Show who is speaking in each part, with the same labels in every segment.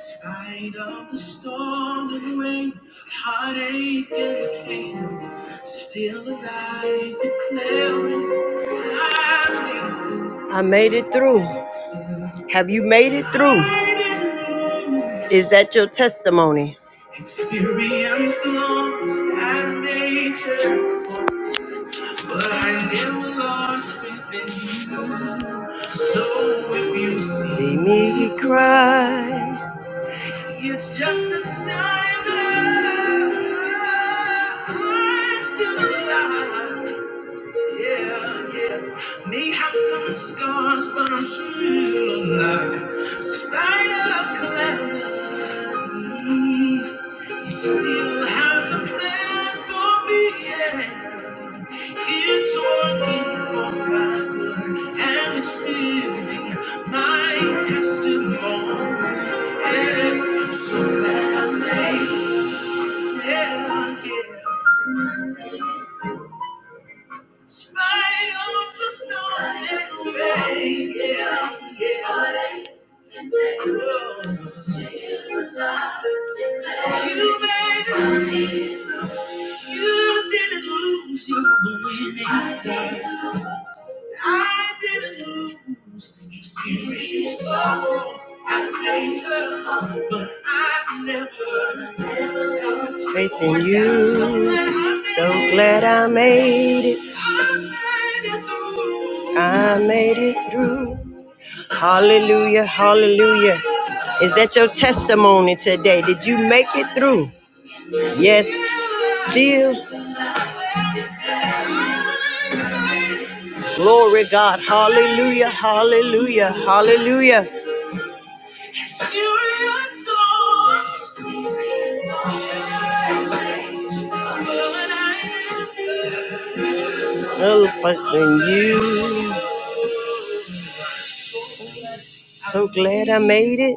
Speaker 1: Spite of the storm and rain, heartache and pain, still alive declaring, I made it through. Have you made it through? Is that your testimony? Experience loss and major but I never lost within you. So if you see me cry. It's just a sign that I'm still alive. Yeah, yeah. May have some scars, but I'm still alive. Spite of calamity, he still has a plan for me. Yeah. It's working for my good, and it's building my testimony. Yeah, I'm so glad I made it. Yeah, yeah. Spite of the storm and rain, yeah, yeah. I You made it, you didn't lose, you were winning. I didn't lose serious loss. I played but I never, never lost faith in you. So glad I made it. I made it through. Hallelujah, hallelujah. Is that your testimony today? Did you make it through? Yes, still. Glory God. Hallelujah, hallelujah, hallelujah. Hello, than you. So glad I made it.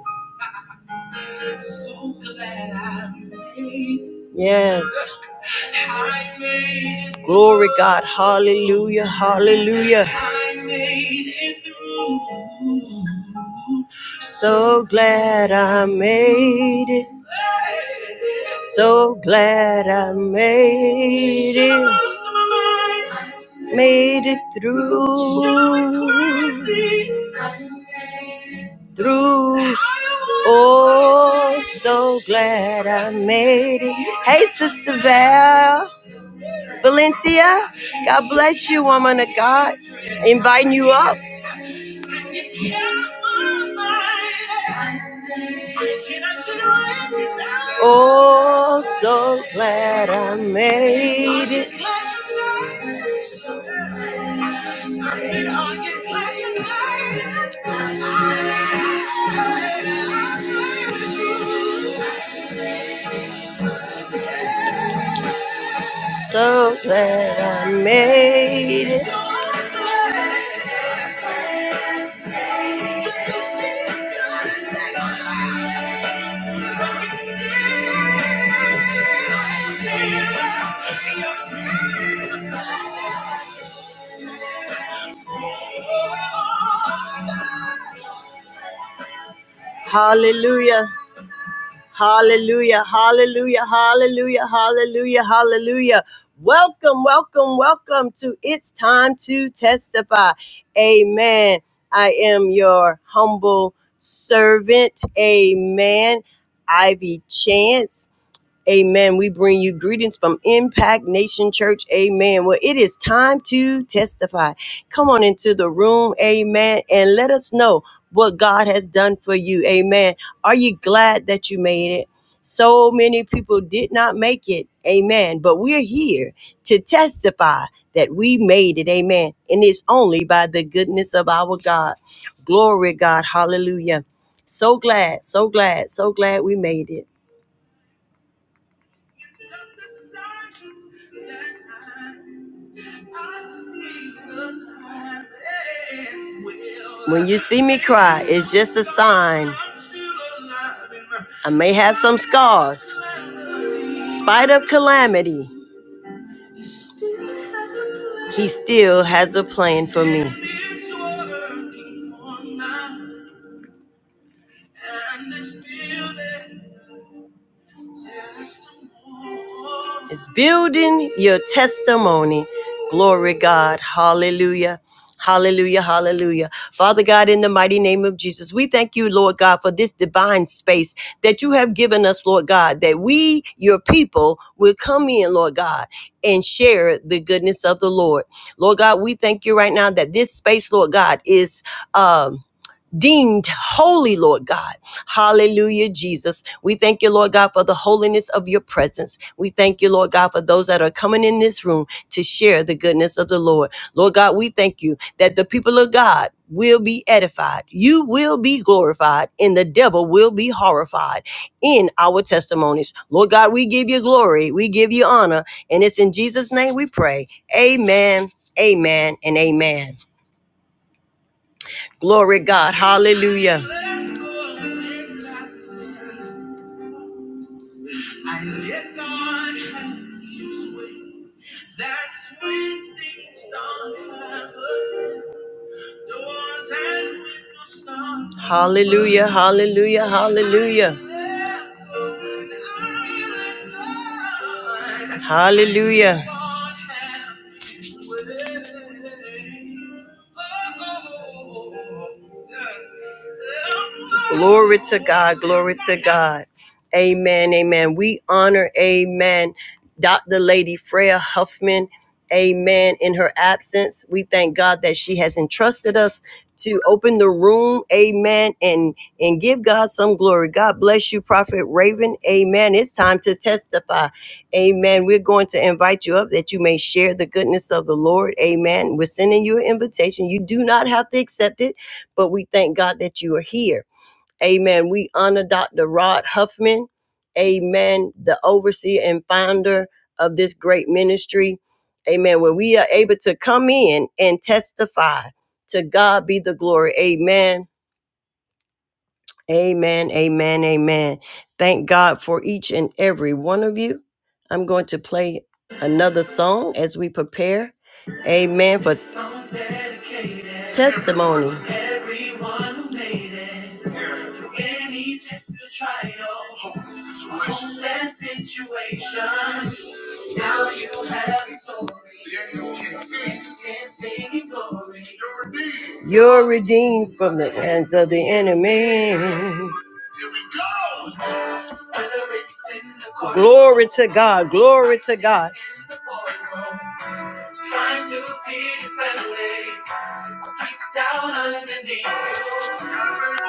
Speaker 1: Yes. Glory God, hallelujah, hallelujah. I made it through. So glad I made it. So glad I made it. Made it through. Through. Oh, so glad I made it. Hey, Sister Val. Valencia, God bless you, woman of God. Inviting you up. Oh, so glad I made it. So glad I made it. Hallelujah. Hallelujah, hallelujah, hallelujah, hallelujah, hallelujah. Welcome, welcome, welcome to It's Time to Testify. Amen. I am your humble servant. Amen. Ivy Chance. Amen. We bring you greetings from Impact Nation Church. Amen. Well, it is time to testify. Come on into the room. Amen. And let us know what God has done for you. Amen. Are you glad that you made it? So many people did not make it. Amen. But we're here to testify that we made it. Amen. And it's only by the goodness of our God. Glory, God. Hallelujah. So glad, so glad, so glad we made it. Is it of the sun that I- I see the light and will- When you see me cry, it's just a sign. I may have some scars. Spite of calamity, he still has a plan for me. It's building your testimony. Glory God. Hallelujah. Hallelujah, hallelujah. Father God, in the mighty name of Jesus, we thank you, Lord God, for this divine space that you have given us, Lord God, that we, your people, will come in, Lord God, and share the goodness of the Lord. Lord God, we thank you right now that this space, Lord God, is um deemed holy, Lord God. Hallelujah, Jesus. We thank you, Lord God, for the holiness of your presence. We thank you, Lord God, for those that are coming in this room to share the goodness of the Lord. Lord God, we thank you that the people of God will be edified. You will be glorified and the devil will be horrified in our testimonies. Lord God, we give you glory. We give you honor. And it's in Jesus' name we pray. Amen, amen, and amen. Glory God. Hallelujah. Hallelujah, hallelujah, hallelujah. Hallelujah. Glory to God. Glory to God. Amen. Amen. We honor, amen, Dr. Lady Freya Huffman. Amen. In her absence, we thank God that she has entrusted us to open the room. Amen. and and give God some glory. God bless you, Prophet Raven. Amen. It's time to testify. Amen. We're going to invite you up that you may share the goodness of the Lord. Amen. We're sending you an invitation. You do not have to accept it, but we thank God that you are here. Amen. We honor Dr. Rod Huffman. Amen. The overseer and founder of this great ministry. Amen. Where we are able to come in and testify. To God be the glory. Amen Amen, amen, amen. Thank God for each and every one of you. I'm going to play another song as we prepare. Amen for This song's dedicated testimony. To everyone who made it through Any test or trial, home situation, now you have a story. The angels can't sing. Angels can't sing in glory. You're redeemed. You're redeemed from the hands of the enemy. Glory to God. Glory to God.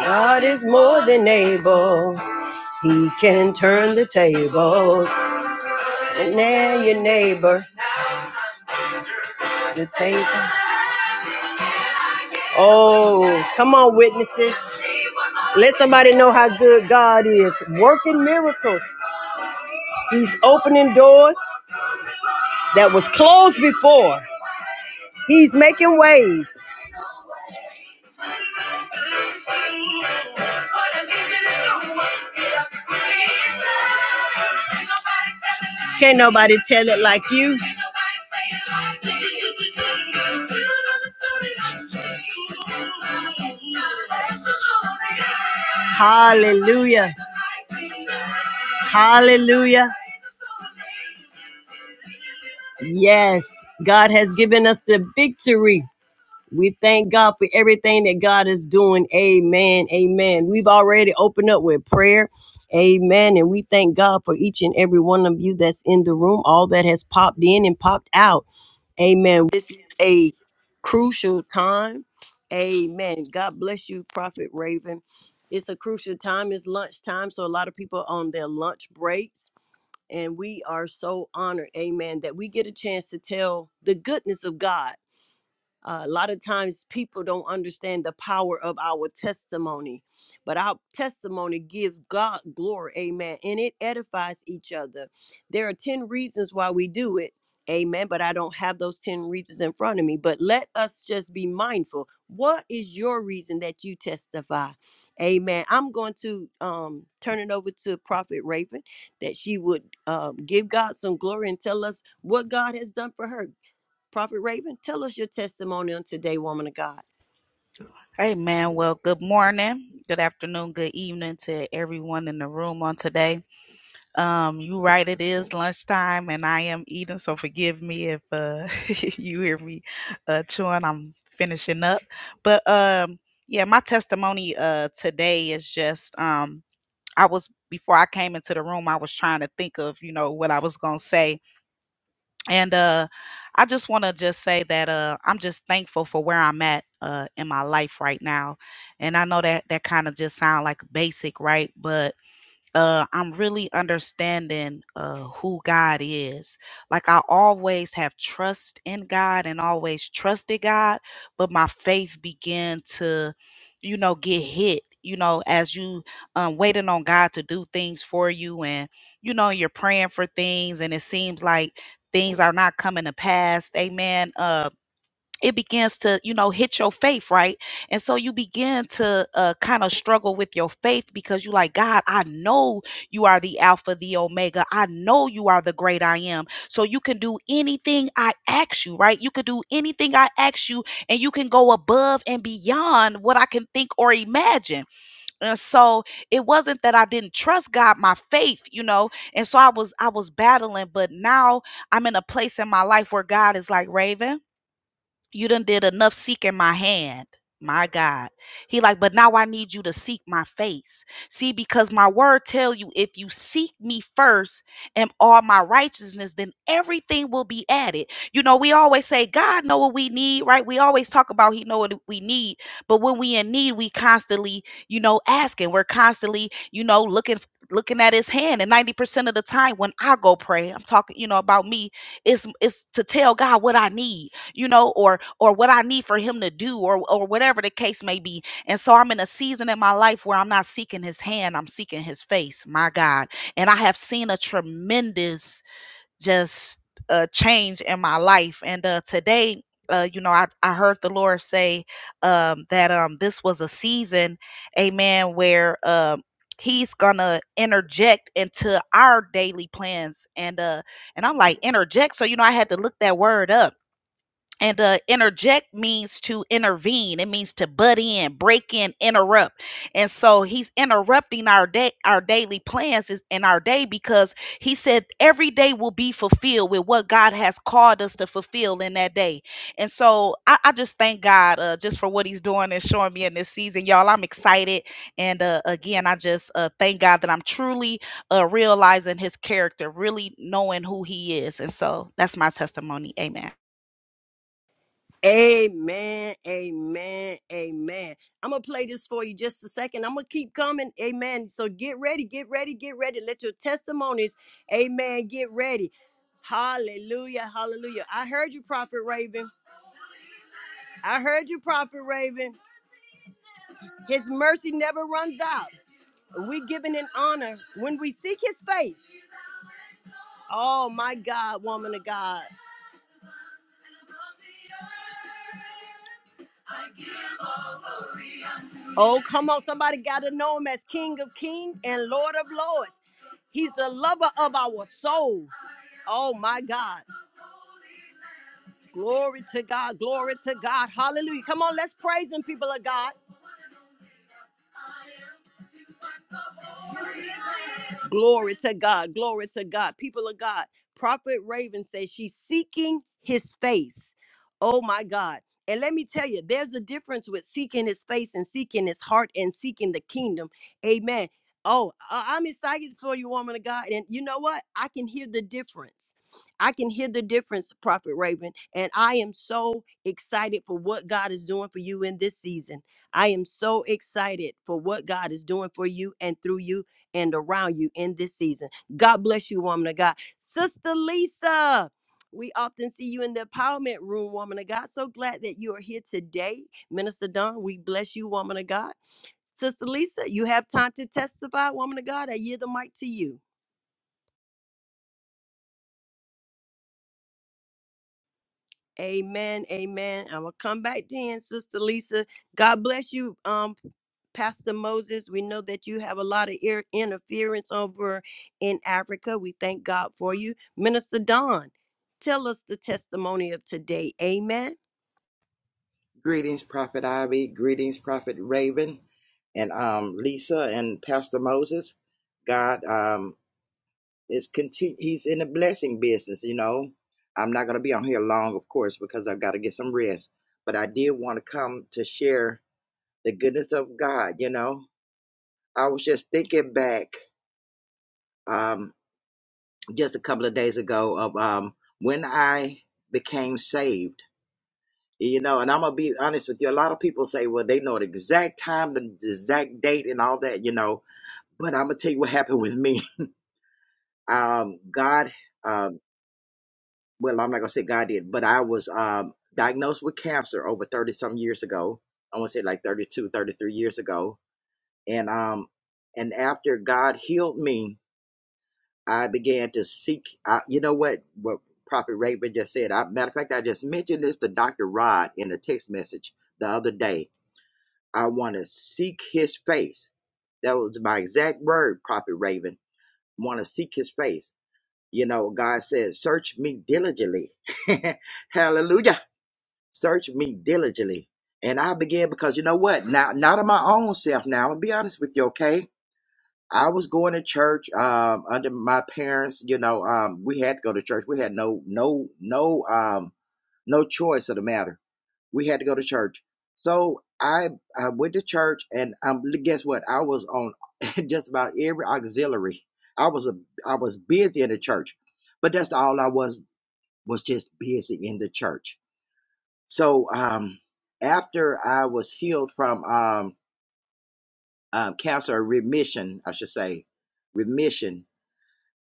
Speaker 1: God is more than able. He can turn the tables. And now your neighbor, the table. Oh, come on, witnesses. Let somebody know how good God is. Working miracles. He's opening doors that was closed before. He's making ways. Can't nobody tell it like you. Hallelujah. Hallelujah. Yes, God has given us the victory. We thank God for everything that God is doing. Amen. Amen. We've already opened up with prayer. Amen. And we thank God for each and every one of you that's in the room, all that has popped in and popped out. Amen. This is a crucial time. Amen. God bless you, Prophet Raven. It's a crucial time. It's lunchtime. So a lot of people are on their lunch breaks. And we are so honored, amen, that we get a chance to tell the goodness of God uh, a lot of times people don't understand the power of our testimony, but our testimony gives God glory. Amen. And it edifies each other. There are 10 reasons why we do it. Amen. But I don't have those 10 reasons in front of me. But let us just be mindful. What is your reason that you testify? Amen. I'm going to um, turn it over to Prophet Raven that she would um, give God some glory and tell us what God has done for her. Prophet Raven, tell us your testimony on today, woman of God.
Speaker 2: Hey man, well, good morning, good afternoon, good evening to everyone in the room on today. Um, you right, it is lunchtime, and I am eating, so forgive me if uh you hear me uh chewing. I'm finishing up, but um, yeah, my testimony uh today is just um I was before I came into the room, I was trying to think of you know what I was gonna say, and uh i just want to just say that uh i'm just thankful for where i'm at uh in my life right now and i know that that kind of just sound like basic right but uh, I'm really understanding uh, who God is. Like I always have trust in God and always trusted God, but my faith began to, you know, get hit. You know, as you um, waiting on God to do things for you, and you know you're praying for things, and it seems like things are not coming to pass. Amen. Uh, it begins to you know hit your faith right and so you begin to uh, kind of struggle with your faith because you like god i know you are the alpha the omega i know you are the great i am so you can do anything i ask you right you can do anything i ask you and you can go above and beyond what i can think or imagine and so it wasn't that i didn't trust god my faith you know and so i was i was battling but now i'm in a place in my life where god is like raven you done did enough seeking my hand my god he like but now i need you to seek my face see because my word tell you if you seek me first and all my righteousness then everything will be added you know we always say god know what we need right we always talk about he know what we need but when we in need we constantly you know asking we're constantly you know looking looking at his hand and 90% of the time when i go pray i'm talking you know about me it's it's to tell god what i need you know or or what i need for him to do or or whatever the case may be and so i'm in a season in my life where i'm not seeking his hand i'm seeking his face my god and i have seen a tremendous just uh change in my life and uh today uh, you know, I, I heard the Lord say um, that um, this was a season, amen, where um, He's gonna interject into our daily plans, and uh, and I'm like interject. So you know, I had to look that word up and uh, interject means to intervene. It means to butt in, break in, interrupt. And so he's interrupting our day, our daily plans is in our day because he said every day will be fulfilled with what God has called us to fulfill in that day. And so I, I just thank God uh, just for what He's doing and showing me in this season, y'all. I'm excited, and uh, again, I just uh, thank God that I'm truly uh, realizing His character, really knowing who He is. And so that's my testimony. Amen.
Speaker 1: Amen, amen, amen. I'm gonna play this for you just a second. I'm gonna keep coming, amen. So get ready, get ready, get ready. Let your testimonies, amen, get ready. Hallelujah, hallelujah. I heard you, Prophet Raven. I heard you, Prophet Raven. His mercy never runs out. We giving an honor when we seek his face. Oh my God, woman of God. Oh, come on. Somebody got to know him as King of Kings and Lord of Lords. He's the lover of our soul. Oh, my God. Glory to God. Glory to God. Hallelujah. Come on, let's praise him, people of God. Glory to God. Glory to God. People of God, Prophet Raven says she's seeking his face. Oh my God. And let me tell you, there's a difference with seeking his face and seeking his heart and seeking the kingdom. Amen. Oh, I- I'm excited for you, woman of God. And you know what? I can hear the difference. I can hear the difference, Prophet Raven. And I am so excited for what God is doing for you in this season. I am so excited for what God is doing for you and through you and around you in this season. God bless you, woman of God. Sister Lisa, we often see you in the empowerment room, woman of God. So glad that you are here today. Minister Don, we bless you, woman of God. Sister Lisa, you have time to testify, woman of God. I yield the mic to you. Amen. Amen. I'm gonna come back then, Sister Lisa. God bless you, um, Pastor Moses. We know that you have a lot of ear interference over in Africa. We thank God for you, Minister Don. Tell us the testimony of today. Amen.
Speaker 3: Greetings, Prophet Ivy. Greetings, Prophet Raven, and um, Lisa and Pastor Moses. God um, is continue. He's in the blessing business. You know, I'm not going to be on here long, of course, because I've got to get some rest. But I did want to come to share the goodness of God. You know, I was just thinking back um, just a couple of days ago of um, when I became saved You know, and I'm gonna be honest with you. A lot of people say, well, they know the exact time, the exact date, and all that. You know, but I'm gonna tell you what happened with me. Um, God, um, well, I'm not gonna say God did, but I was um diagnosed with cancer over 30 some years ago. I want to say like 32, 33 years ago, and um, and after God healed me, I began to seek. Uh, you know what? What Prophet Raven just said. I, matter of fact, I just mentioned this to Doctor Rod in a text message the other day I want to seek his face. That was my exact word, Prophet Raven. Want to seek his face. You know, God says, search me diligently. Hallelujah. Search me diligently. And I began because you know what? Now, not of my own self now. I'm gonna be honest with you, okay? I was going to church um, under my parents. You know, um, we had to go to church. We had no, no, no, um, no choice of the matter we had to go to church. So I I went to church and um guess what? I was on just about every auxiliary. I was a I was busy in the church, but that's all I was was just busy in the church. So um after I was healed from um, um cancer remission, I should say remission,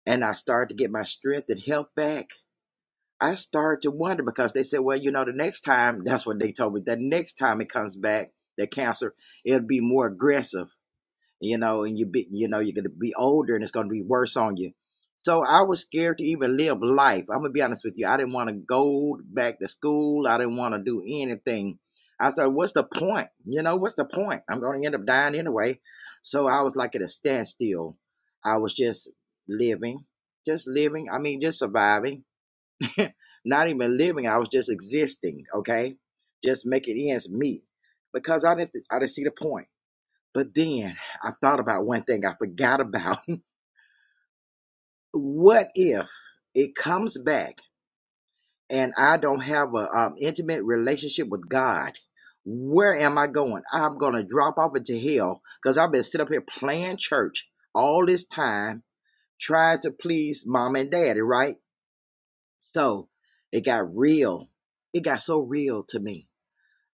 Speaker 3: and I started to get my strength and health back. I started to wonder because they said, well, you know, the next time, that's what they told me, the next time it comes back, the cancer, it'll be more aggressive, you know, and you be, you know, you're going to be older and it's going to be worse on you. So I was scared to even live life. I'm going to be honest with you. I didn't want to go back to school. I didn't want to do anything. I said, what's the point? You know, what's the point? I'm going to end up dying anyway. So I was like at a standstill. I was just living, just living. I mean, just surviving Not even living, I was just existing, okay? Just making ends meet because I didn't I didn't see the point. But then I thought about one thing I forgot about. what if it comes back and I don't have a um, intimate relationship with God? Where am I going? I'm gonna drop off into hell because I've been sitting up here playing church all this time, trying to please mom and daddy, right? So it got real. It got so real to me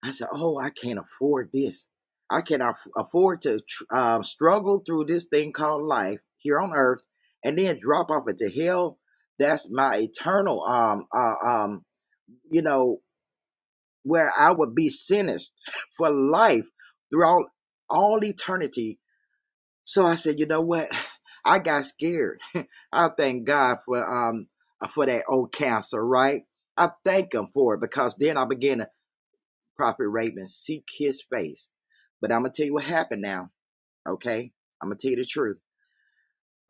Speaker 3: I said, "Oh, I can't afford this. I cannot afford to tr- um, struggle through this thing called life here on earth, and then drop off into hell. That's my eternal, um, uh, um, you know, where I would be sentenced for life throughout all eternity." So I said, "You know what? I got scared. I thank God for um uh, for that old cancer, right? I thank Him for it because then I began to." Prophet Raven seek his face. But I'm gonna tell you what happened now. Okay, I'm gonna tell you the truth.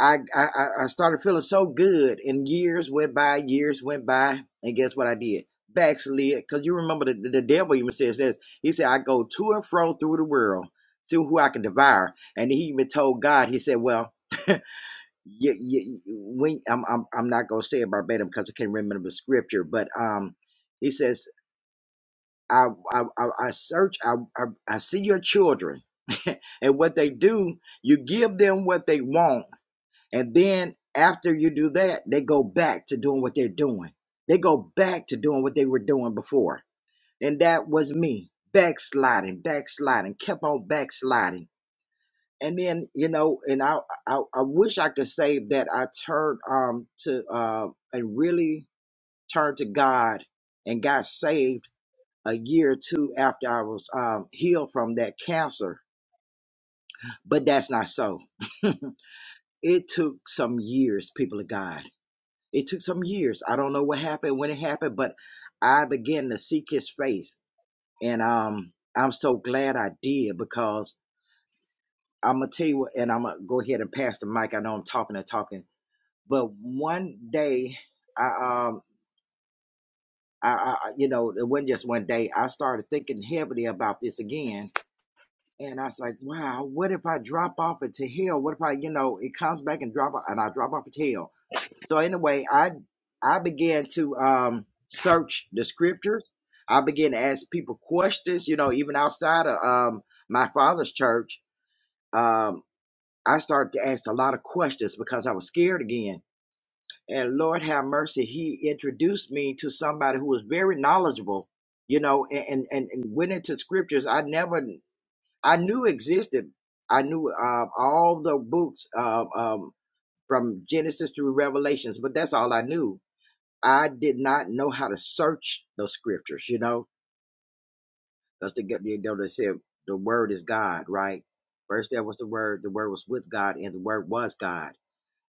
Speaker 3: I I, I started feeling so good, and years went by, years went by, and guess what I did? Backslid, because you remember the, the, the devil even says this. He said, "I go to and fro through the world, see who I can devour." And he even told God, he said, "Well." You, you, when I'm, I'm, I'm not gonna say it verbatim because I can't remember the scripture, but um, he says I I I, I search. I, I I see your children, and what they do, you give them what they want, and then after you do that, they go back to doing what they're doing. They go back to doing what they were doing before, and that was me backsliding, backsliding, kept on backsliding, and then you know, and I I, I wish I could say that I turned um to uh and really turned to God and got saved a year or two after I was um, healed from that cancer, but that's not so. it took some years, people of God. It took some years. I don't know what happened, when it happened, but I began to seek his face. And um, I'm so glad I did because I'm going to tell you, what- and I'm going to go ahead and pass the mic. I know I'm talking and talking, but one day, I, um, I, I, I- you know, it wasn't just one day. I started thinking heavily about this again And I was like, wow, what if I drop off it to hell? What if I, you know, it comes back and drop and I drop off it to hell? So anyway, I I began to um search the scriptures. I began to ask people questions, you know, even outside of um my father's church. Um, I started to ask a lot of questions because I was scared again. And Lord have mercy, he introduced me to somebody who was very knowledgeable, you know, and and, and went into scriptures. I never I knew existed. I knew um, all the books um, um, from Genesis through Revelations, but that's all I knew. I did not know how to search those scriptures, you know, because the get- they, they said the word is God, right? First there was the word, the word was with God, and the word was God.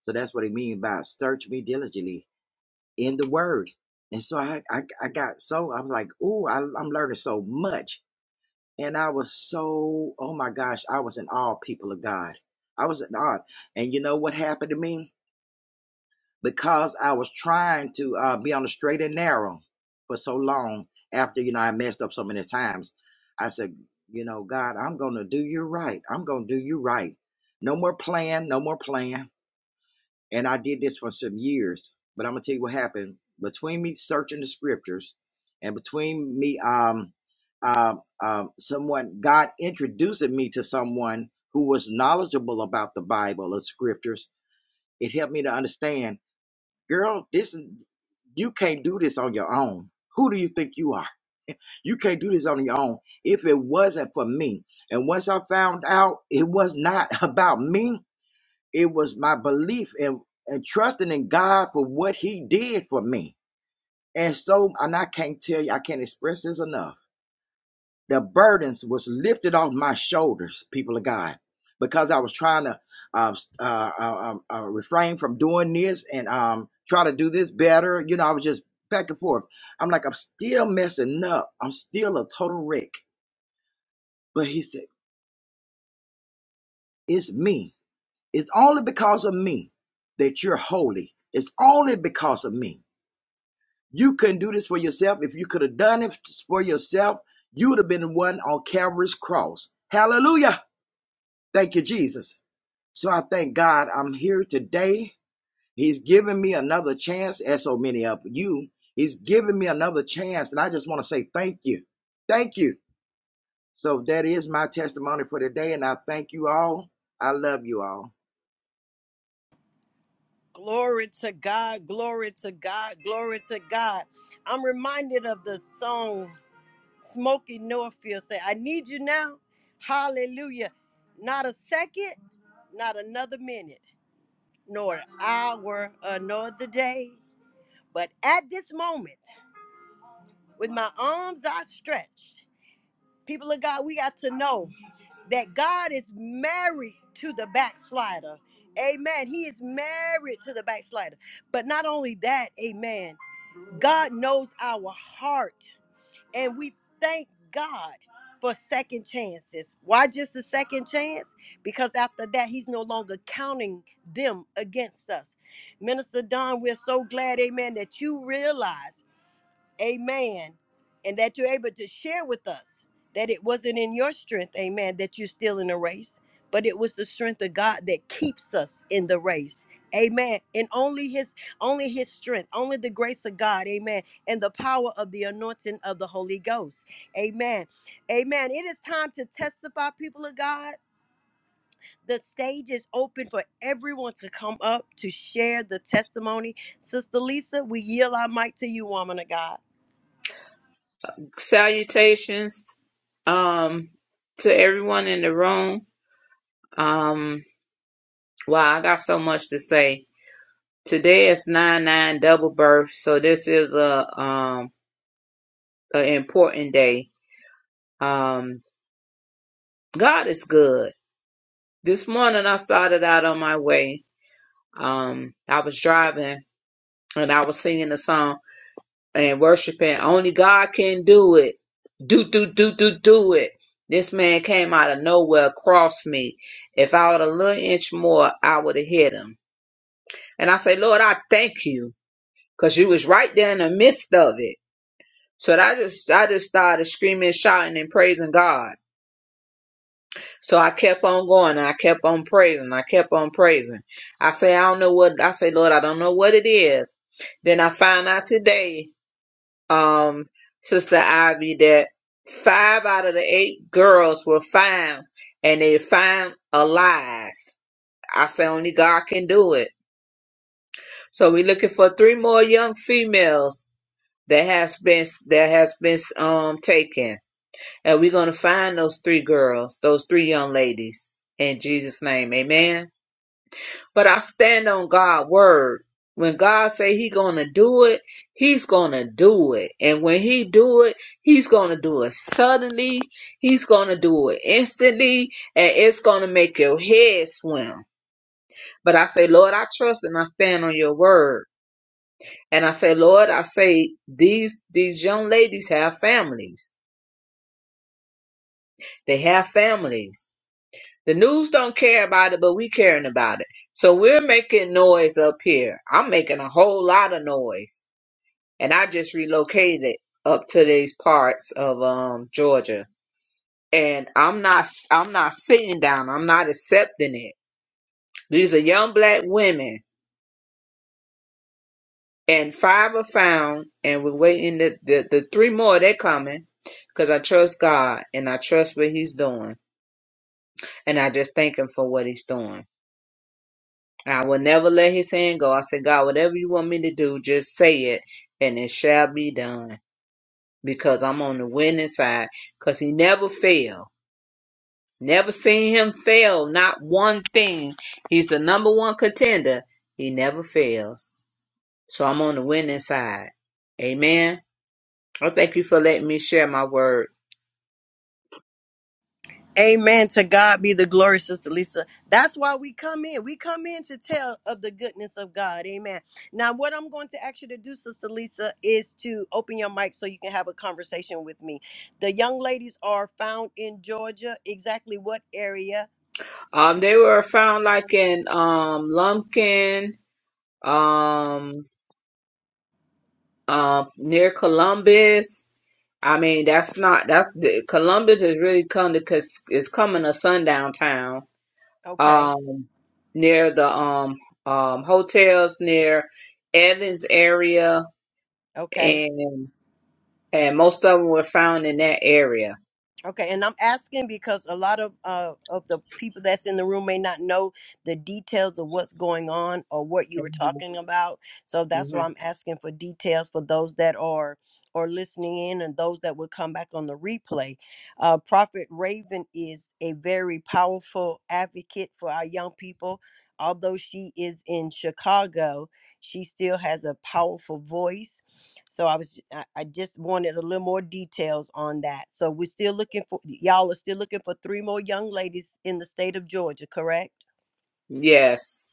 Speaker 3: So that's what it mean by search me diligently in the word. And so I, I, I got so, I was like, ooh, I'm learning so much And I was so, oh my gosh, I was in awe, people of God. I was in awe. And you know what happened to me? Because I was trying to uh, be on the straight and narrow for so long after, you know, I messed up so many times. I said, you know, God, I'm going to do you right. I'm going to do you right. No more plan, no more plan. And I did this for some years. But I'm gonna tell you what happened. Between me searching the scriptures and between me um um um someone God introducing me to someone who was knowledgeable about the Bible or scriptures, it helped me to understand, girl, this is you can't do this on your own. Who do you think you are? You can't do this on your own. If it wasn't for me, and once I found out it was not about me, it was my belief and, and trusting in God for what He did for me. And so, and I can't tell you, I can't express this enough. The burdens was lifted off my shoulders, people of God, because I was trying to um, uh, uh, uh, um, uh, refrain from doing this and um, try to do this better. You know, I was just back and forth. I'm like, I'm still messing up. I'm still a total wreck. But He said, It's me. It's only because of me that you're holy. It's only because of me. You couldn't do this for yourself. If you could have done it for yourself, you would have been the one on Calvary's cross. Hallelujah. Thank you, Jesus. So I thank God I'm here today. He's given me another chance, as so many of you. He's given me another chance. And I just want to say thank you. Thank you. So that is my testimony for today. And I thank you all. I love you all.
Speaker 1: Glory to God, glory to God, glory to God. I'm reminded of the song Smokey Norfield say, I need you now. Hallelujah. Not a second, not another minute. nor hour or nor the day. But at this moment, with my arms outstretched, people of God, we got to know that God is married to the backslider. Amen. He is married to the backslider. But not only that, amen, God knows our heart. And we thank God for second chances. Why just a second chance? Because after that, He's no longer counting them against us. Minister Don, we're so glad, amen, that you realize amen, and that you're able to share with us that it wasn't in your strength, amen, that you're still in the race, but it was the strength of God that keeps us in the race. Amen. And only his only his strength, only the grace of God, amen, and the power of the anointing of the Holy Ghost. Amen. Amen. It is time to testify people of God. The stage is open for everyone to come up to share the testimony. Sister Lisa, we yield our mic to you, woman of God.
Speaker 4: Salutations um to everyone in the room. Um wow, I got so much to say. Today is nine nine double birth, so this is a um an important day. Um God is good. This morning I started out on my way. Um I was driving and I was singing a song and worshiping. Only God can do it. Do, do, do, do, do it. This man came out of nowhere, across me. If I would a little inch more, I would have hit him. And I say, Lord, I thank you, cause you was right there in the midst of it. So I just, I just started screaming, shouting, and praising God. So I kept on going, and I kept on praising, I kept on praising. I say, I don't know what, I say, Lord, I don't know what it is. Then I found out today um, Sister Ivy, that five out of the eight girls were found, and they found alive. I say only God can do it. So we're looking for three more young females that has been that has been um taken, and we're gonna find those three girls, those three young ladies, in Jesus' name, Amen. but I stand on God's word. When God say he gonna do it, he's gonna do it. And when he do it, he's gonna do it suddenly. He's gonna do it instantly, and it's gonna make your head swim. But I say, Lord, I trust and I stand on your word. And I say, Lord, I say these these young ladies have families. They have families. The news don't care about it, but we caring about it. So we're making noise up here. I'm making a whole lot of noise and I just relocated up to these parts of um Georgia. And I'm not I'm not sitting down. I'm not accepting it. These are young black women, and five are found, and we're waiting. The the, the three more they're coming because I trust God and I trust what He's doing, and I just thank Him for what He's doing. I will never let His hand go. I said, God, whatever you want me to do, just say it, and it shall be done. Because I'm on the winning side, because He never fails. Never seen him fail, not one thing. He's the number one contender. He never fails. So I'm on the winning side. Amen. I thank you for letting me share my word.
Speaker 1: Amen. To God be the glory, Sister Lisa. That's why we come in. We come in to tell of the goodness of God. Amen. Now, what I'm going to ask you to do, Sister Lisa, is to open your mic so you can have a conversation with me. The young ladies are found in Georgia. Exactly what area?
Speaker 4: Um, they were found like in um Lumpkin, um, uh, near Columbus. I mean, that's not that's Columbus is really coming because it's coming a sundown town.
Speaker 1: Okay.
Speaker 4: Um, near the um um hotels near Evans area
Speaker 1: Okay.
Speaker 4: and and most of them were found in that area.
Speaker 1: Okay, and I'm asking because a lot of uh, of the people that's in the room may not know the details of what's going on or what you were
Speaker 4: Mhm.
Speaker 1: talking about. So that's why
Speaker 4: Mhm.
Speaker 1: I'm asking for details for those that are or listening in and those that will come back on the replay. Uh, Prophet Raven is a very powerful advocate for our young people. Although she is in Chicago, she still has a powerful voice so I was I, I just wanted a little more details on that. So we're still looking for y'all are still looking for three more young ladies in the state of Georgia, correct?
Speaker 4: Yes,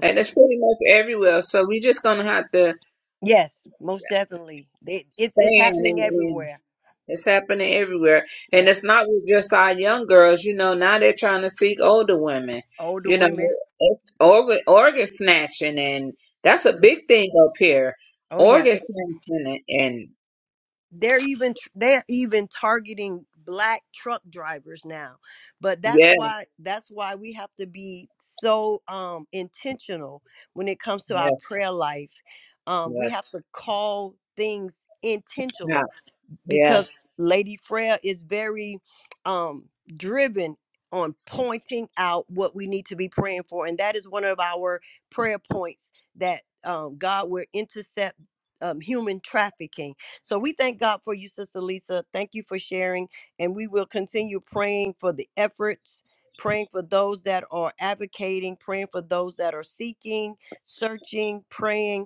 Speaker 4: and it's pretty much everywhere. So we just gonna have to
Speaker 1: Yes, most definitely. They, it's it's
Speaker 4: stand
Speaker 1: happening
Speaker 4: and. and
Speaker 1: everywhere.
Speaker 4: it's happening everywhere, and
Speaker 1: Yeah.
Speaker 4: it's not with just our young girls. You know, now they're trying to seek older women.
Speaker 1: Older
Speaker 4: You know,
Speaker 1: women.
Speaker 4: it's organ organ snatching, and that's a
Speaker 1: Yeah.
Speaker 4: big thing up here.
Speaker 1: Oh yeah.
Speaker 4: Organ snatching, and, and
Speaker 1: they're even tr- they're even targeting black truck drivers now but that's
Speaker 4: yes,
Speaker 1: why that's why we have to be so um intentional when it comes to our
Speaker 4: yes,
Speaker 1: prayer life um we
Speaker 4: yes,
Speaker 1: have to call things
Speaker 4: yeah,
Speaker 1: intentional because
Speaker 4: yes,
Speaker 1: Lady Freya is very um driven on pointing out what we need to be praying for. And that is one of our prayer points that um God will intercept um, human trafficking. So we thank God for you, Sister Lisa. Thank you for sharing. And we will continue praying for the efforts, praying for those that are advocating, praying for those that are seeking, searching, praying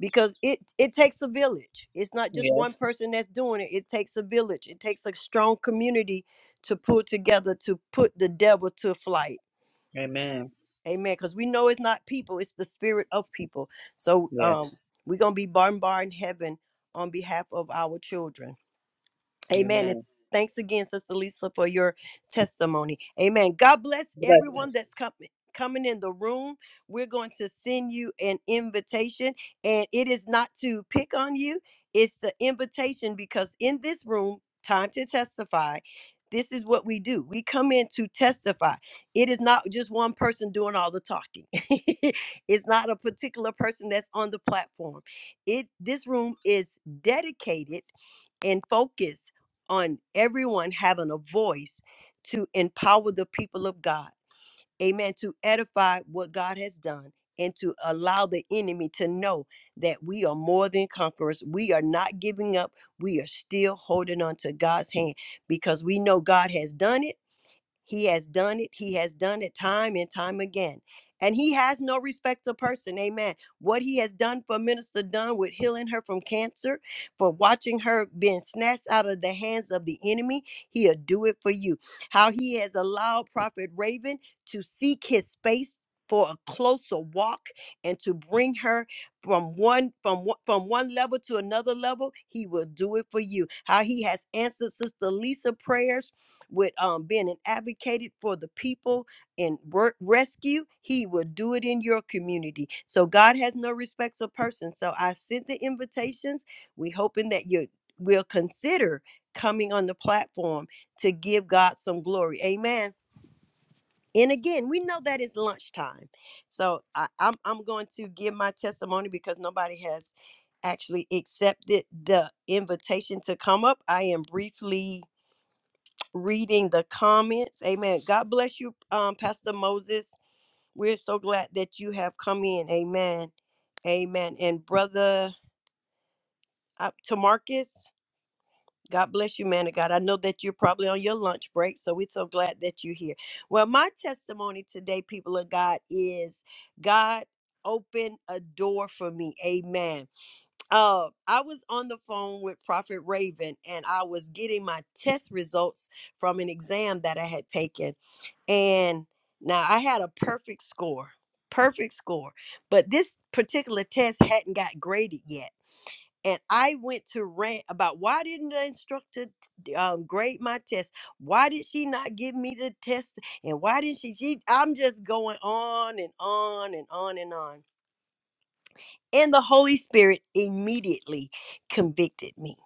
Speaker 1: because it it takes a village it's not just
Speaker 4: yes.
Speaker 1: one person that's doing it it takes a village it takes a strong community to pull together to put the devil to flight
Speaker 4: Amen.
Speaker 1: amen because we know it's not people it's the spirit of people so
Speaker 4: Yes,
Speaker 1: um we're gonna be bombarding heaven on behalf of our children Amen. And
Speaker 4: amen.
Speaker 1: thanks again, Sister Lisa, for your testimony. Amen. God bless
Speaker 4: Blessings.
Speaker 1: everyone that's coming. Coming in the room, we're going to send you an invitation, and it is not to pick on you, it's the invitation because in this room, time to testify. This is what we do. We come in to testify. It is not just one person doing all the talking. it's not a particular person that's on the platform. It this room is dedicated and focus on everyone having a voice to empower the people of God. Amen. To edify what God has done and to allow the enemy to know that we are more than conquerors. We are not giving up. We are still holding on to God's hand because we know God has done it he has done it. He has done it time and time again. And he has no respect to person. Amen. What he has done for Minister Dunn with healing her from cancer, for watching her being snatched out of the hands of the enemy, he'll do it for you. How he has allowed Prophet Raven to seek his space for a closer walk and to bring her from one from one- from one level to another level he will do it for you how he has answered sister lisa prayers with um, being an advocate for the people in work rescue, he will do it in your community. So God has no respects of person. So I sent the invitations. We hoping that you will consider coming on the platform to give God some glory. Amen. And again, we know that it's lunchtime. So I, I'm, I'm going to give my testimony because nobody has actually accepted the invitation to come up. I am briefly reading the comments. Amen. God bless you, um, Pastor Moses. We're so glad that you have come in. Amen. Amen. And brother up to Marcus, God bless you, man of God. I know that you're probably on your lunch break, so we're so glad that you're here. Well, my testimony today, people of God, is God opened a door for me. Amen uh, I was on the phone with Prophet Raven and I was getting my test results from an exam that I had taken. And now I had a perfect score, perfect score. But this particular test hadn't got graded yet. And I went to rant about why didn't the instructor t- um, grade my test? Why did she not give me the test? And why did she, she? I'm just going on and on and on and on and the Holy Spirit immediately convicted me.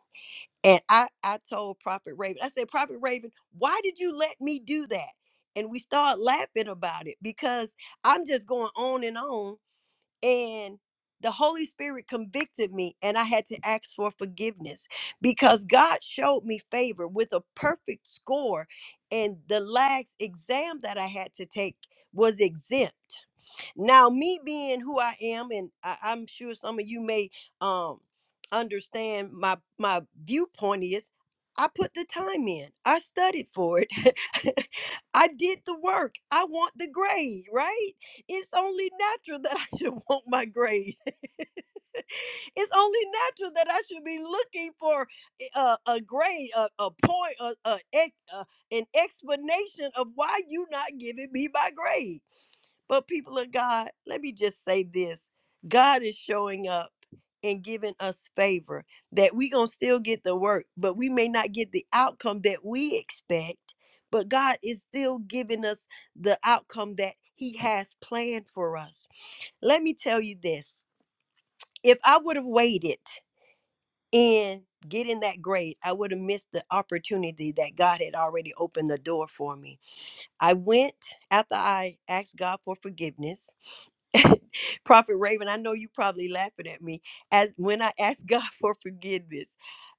Speaker 1: And I, I told Prophet Raven, I said, Prophet Raven, why did you let me do that? And we started laughing about it because I'm just going on and on. And the Holy Spirit convicted me, and I had to ask for forgiveness because God showed me favor with a perfect score. And the last exam that I had to take was exempt. Now, me being who I am, and I, I'm sure some of you may um understand my my viewpoint is I put the time in. I studied for it. I did the work. I want the grade, right? It's only natural that I should want my grade. it's only natural that I should be looking for a, a grade, a, a point, a, a, ex- a, an explanation of why you not giving me my grade. But people of God, let me just say this. God is showing up and giving us favor that we going to still get the work, but we may not get the outcome that we expect, but God is still giving us the outcome that he has planned for us. Let me tell you this if I would have waited in getting that grade, I would have missed the opportunity that God had already opened the door for me. I went after I asked God for forgiveness. Prophet Raven, I know you probably laughing at me as when I asked God for forgiveness.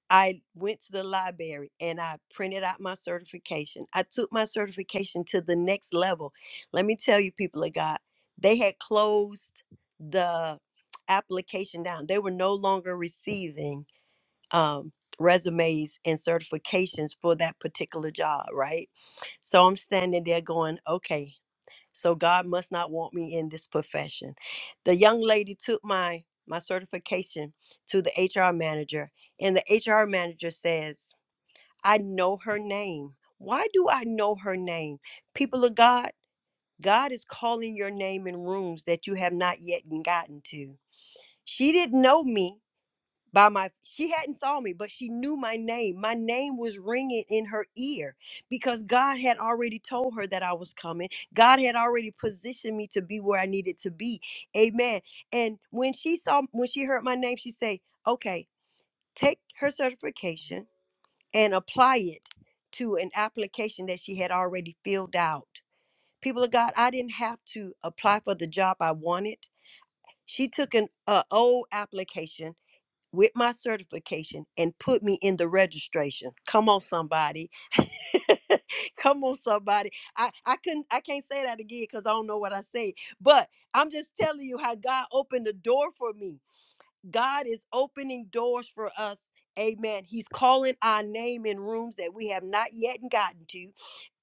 Speaker 1: I went to the library and I printed out my certification. I took my certification to the next level. Let me tell you, people of God, they had closed the application down. They were no longer receiving um, resumes and certifications for that particular job, right? So I'm standing there going, okay, so God must not want me in this profession. The young lady took my my certification to the HR manager and the HR manager says, "I know her name. Why do I know her name? People of God, God is calling your name in rooms that you have not yet gotten to." She didn't know me by my she hadn't saw me but she knew my name my name was ringing in her ear because god had already told her that i was coming god had already positioned me to be where i needed to be amen and when she saw when she heard my name she say okay take her certification and apply it to an application that she had already filled out people of god i didn't have to apply for the job i wanted she took an uh, old application with my certification and put me in the registration. Come on, somebody. Come on, somebody. I, I couldn't I can't say that again because I don't know what I say. But I'm just telling you how God opened the door for me. God is opening doors for us. Amen. He's calling our name in rooms that we have not yet gotten to.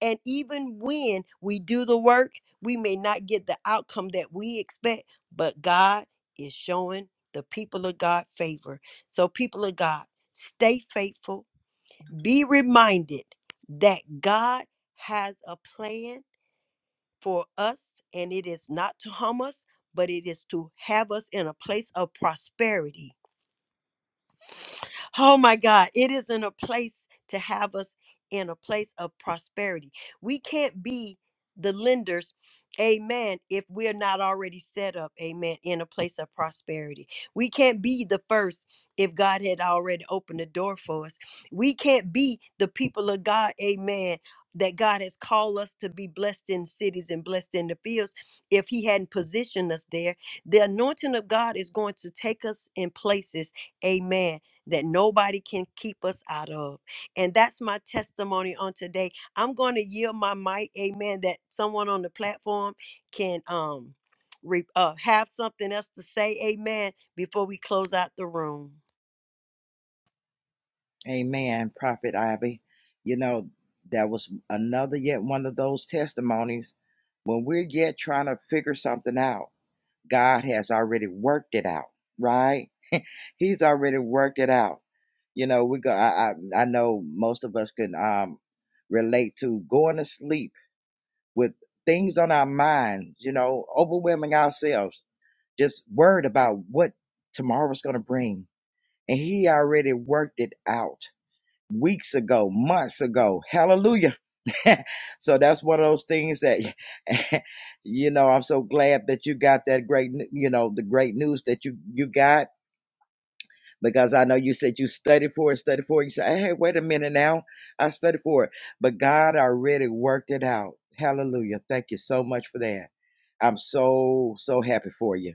Speaker 1: And even when we do the work, we may not get the outcome that we expect, but God is showing the people of God favor. So, people of God, stay faithful. Be reminded that God has a plan for us, and it is not to harm us, but it is to have us in a place of prosperity Oh my God, it is in a place to have us in a place of prosperity. We can't be the lenders, amen, if we're not already set up, amen, in a place of prosperity. We can't be the first if God had already opened the door for us. We can't be the people of God, amen. That God has called us to be blessed in cities and blessed in the fields. If He hadn't positioned us there, the anointing of God is going to take us in places, amen, that nobody can keep us out of. And that's my testimony on today. I'm going to yield my mic, amen, that someone on the platform can um re- uh, have something else to say, amen, before we close out the room.
Speaker 3: Amen, Prophet Ivy. You know, that was another yet one of those testimonies when we're yet trying to figure something out. God has already worked it out, right? He's already worked it out. You know, we go. I I, I know most of us can um relate to going to sleep with things on our mind. You know, overwhelming ourselves, just worried about what tomorrow's going to bring, and He already worked it out weeks ago, months ago. Hallelujah. so that's one of those things that, you know, I'm so glad that you got that great, you know, the great news that you, you got. Because I know you said you studied for it, studied for it. You said, hey, wait a minute now. I studied for it. But God already worked it out. Hallelujah. Thank you so much for that. I'm so, so happy for you.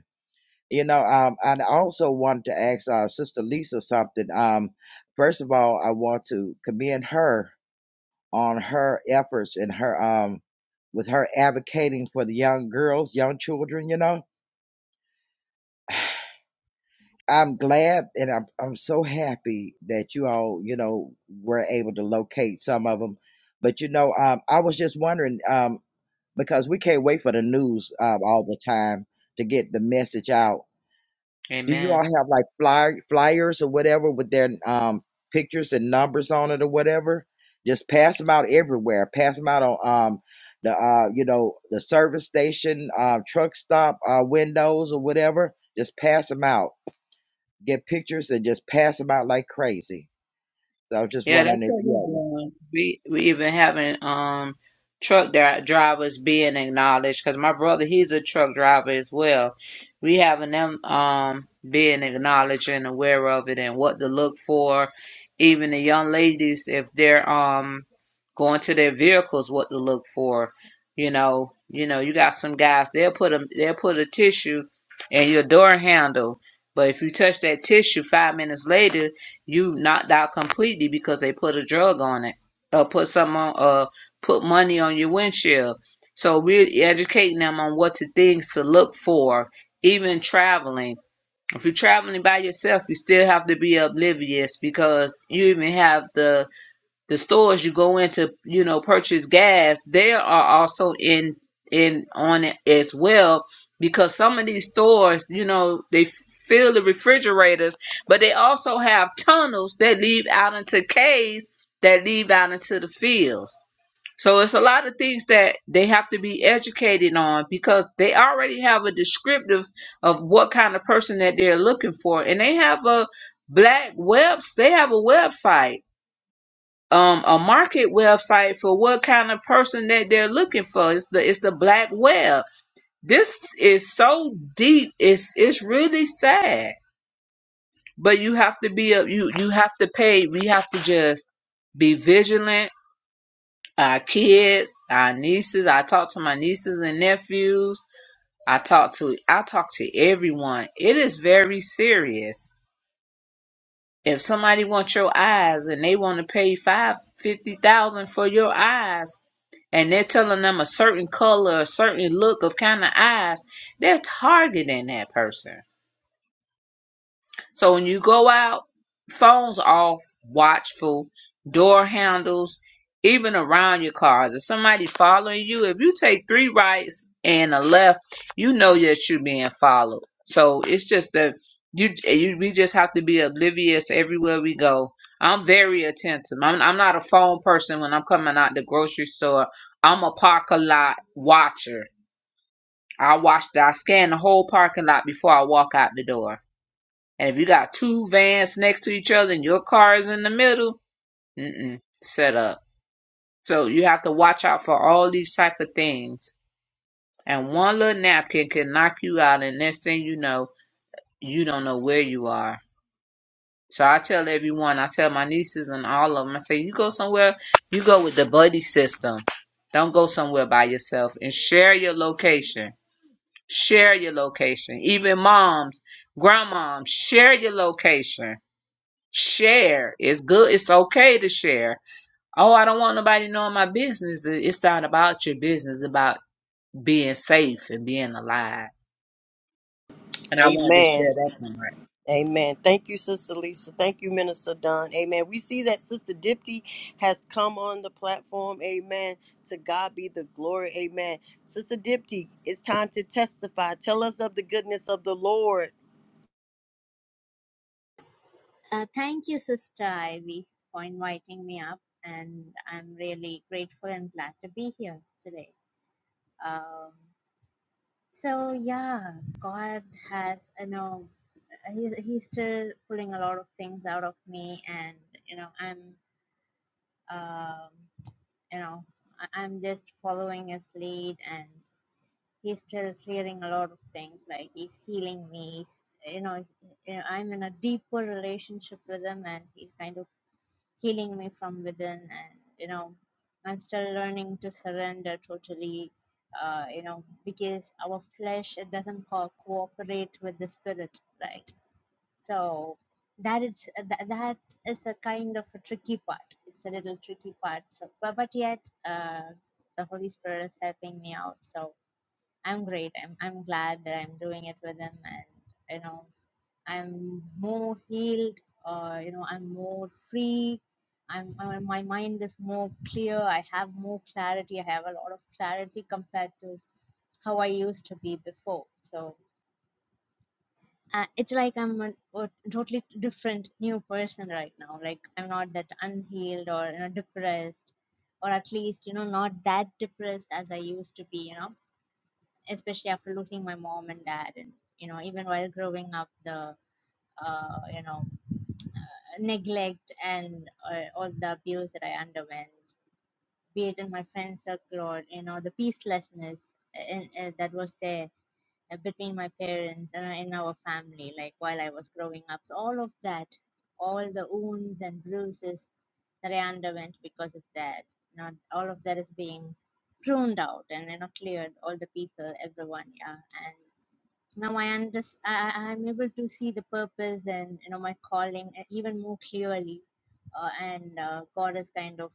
Speaker 3: You know, um, I also wanted to ask uh, Sister Lisa something. Um, first of all, I want to commend her on her efforts and her um with her advocating for the young girls, young children, you know. I'm glad and I'm I'm so happy that you all, you know, were able to locate some of them. But you know, um I was just wondering um because we can't wait for the news um all the time to get the message out Do you
Speaker 4: Amen.
Speaker 3: all have like flyer flyers or whatever with their um pictures and numbers on it or whatever? Just pass them out everywhere. Pass them out on um the uh you know the service station, uh, truck stop uh, windows or whatever. Just pass them out. Get pictures and just pass them out like crazy. So I was just
Speaker 4: Yeah,
Speaker 3: wondering
Speaker 4: that's
Speaker 3: if
Speaker 4: what
Speaker 3: you
Speaker 4: we're
Speaker 3: all,
Speaker 4: doing. We we even having um truck dri- drivers being acknowledged because my brother he's a truck driver as well. We having them um being acknowledged and aware of it and what to look for. Even the young ladies if they're um going to their vehicles, what to look for. You know, you know, you got some guys they'll put a they'll put a tissue in your door handle, but if you touch that tissue five minutes later You knocked out completely because they put a drug on it, or put something on, or put money on your windshield. So we're educating them on what to things to look for, even traveling. If you're traveling by yourself, you still have to be oblivious because you even have the the stores you go in to you know purchase gas they are also in in on it as well because some of these stores you know they fill the refrigerators but they also have tunnels that lead out into caves that lead out into the fields so it's a lot of things that they have to be educated on because they already have a descriptive of what kind of person that they're looking for and they have a black webs they have a website um a market website for what kind of person that they're looking for. It's the it's the black web. This is so deep. It's it's really sad. But you have to be a You you have to pay. We have to just be vigilant. Our kids, our nieces. I talk to my nieces and nephews. I talk to I talk to everyone. It is very serious. If somebody wants your eyes and they want to pay five fifty thousand for your eyes, and they're telling them a certain color, a certain look of kind of eyes, they're targeting that person. So when you go out, phones off, watchful, door handles, even around your cars. If somebody following you, if you take three rights and a left, you know that you're being followed. So it's just that you, you we just have to be oblivious everywhere we go. I'm very attentive. I'm, I'm not a phone person when I'm coming out the grocery store. I'm a parking lot watcher. I watch. I scan the whole parking lot before I walk out the door. And if you got two vans next to each other and your car is in the middle, mm-mm, set up. So you have to watch out for all these type of things. And one little napkin can knock you out, and next thing you know, you don't know where you are. So I tell everyone, I tell my nieces and all of them, I say, you go somewhere, you go with the buddy system. Don't go somewhere by yourself and share your location. Share your location. Even moms, grandmoms, share your location Share. It's good. It's okay to share. Oh, I don't want nobody knowing my business. It- It's not about your business. It's about being safe and being alive. And I wanted to
Speaker 1: Amen.
Speaker 4: share that part.
Speaker 1: Amen. Thank you, Sister Lisa. Thank you, Minister Don. Amen. We see that Sister Dipty has come on the platform. Amen. To God be the glory. Amen. Sister Dipty, it's time to testify. Tell us of the goodness of the Lord.
Speaker 5: Uh, thank you, Sister Ivy, for inviting me up, and I'm really grateful and glad to be here today. Um, so yeah, God has, you know, he, He's still pulling a lot of things out of me, and you know, I'm, um, you know, I- I'm just following His lead, and He's still clearing a lot of things. Like He's healing me. He's, you know, you know, I'm in a deeper relationship with Him, and He's kind of healing me from within and you know i'm still learning to surrender totally uh, you know because our flesh it doesn't co- cooperate with the spirit right so that is that, that is a kind of a tricky part it's a little tricky part so but, but yet uh, the holy spirit is helping me out so i'm great I'm, I'm glad that i'm doing it with him and you know I'm more healed, uh, you know, I'm more free. I'm, i my mind is more clear. I have more clarity. I have a lot of clarity compared to how I used to be before. So uh, it's like I'm a, a totally different new person right now. Like I'm not that unhealed or you know depressed, or at least you know not that depressed as I used to be. You know, especially after losing my mom and dad, and you know even while growing up, the uh, you know neglect and uh, all the abuse that I underwent, be it in my friend circle or you know the peacelessness uh, in, uh, that was there uh, between my parents and uh, in our family, like while I was growing up. So all of that, all the wounds and bruises that I underwent because of that, you know, all of that is being pruned out and you know cleared. All the people, everyone, yeah, and now I understand. I, I- am able to see the purpose and you know my calling uh, even more clearly, uh, and uh, God is kind of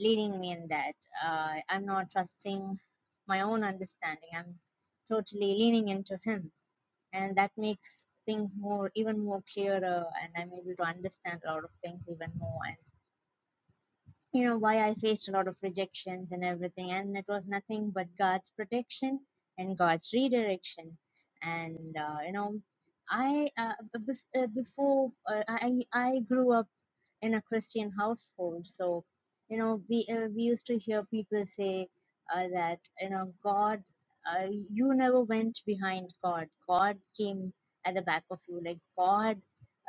Speaker 5: leading me in that. Uh, I'm not trusting my own understanding. I'm totally leaning into Him, and that makes things more even more clearer, and I'm able to understand a lot of things even more you know why i faced a lot of rejections and everything and it was nothing but god's protection and god's redirection and uh, you know i uh, bef- uh, before uh, i i grew up in a Christian household. So, you know, we uh, we used to hear people say uh, that you know God, uh, you never went behind God. God came at the back of you, like God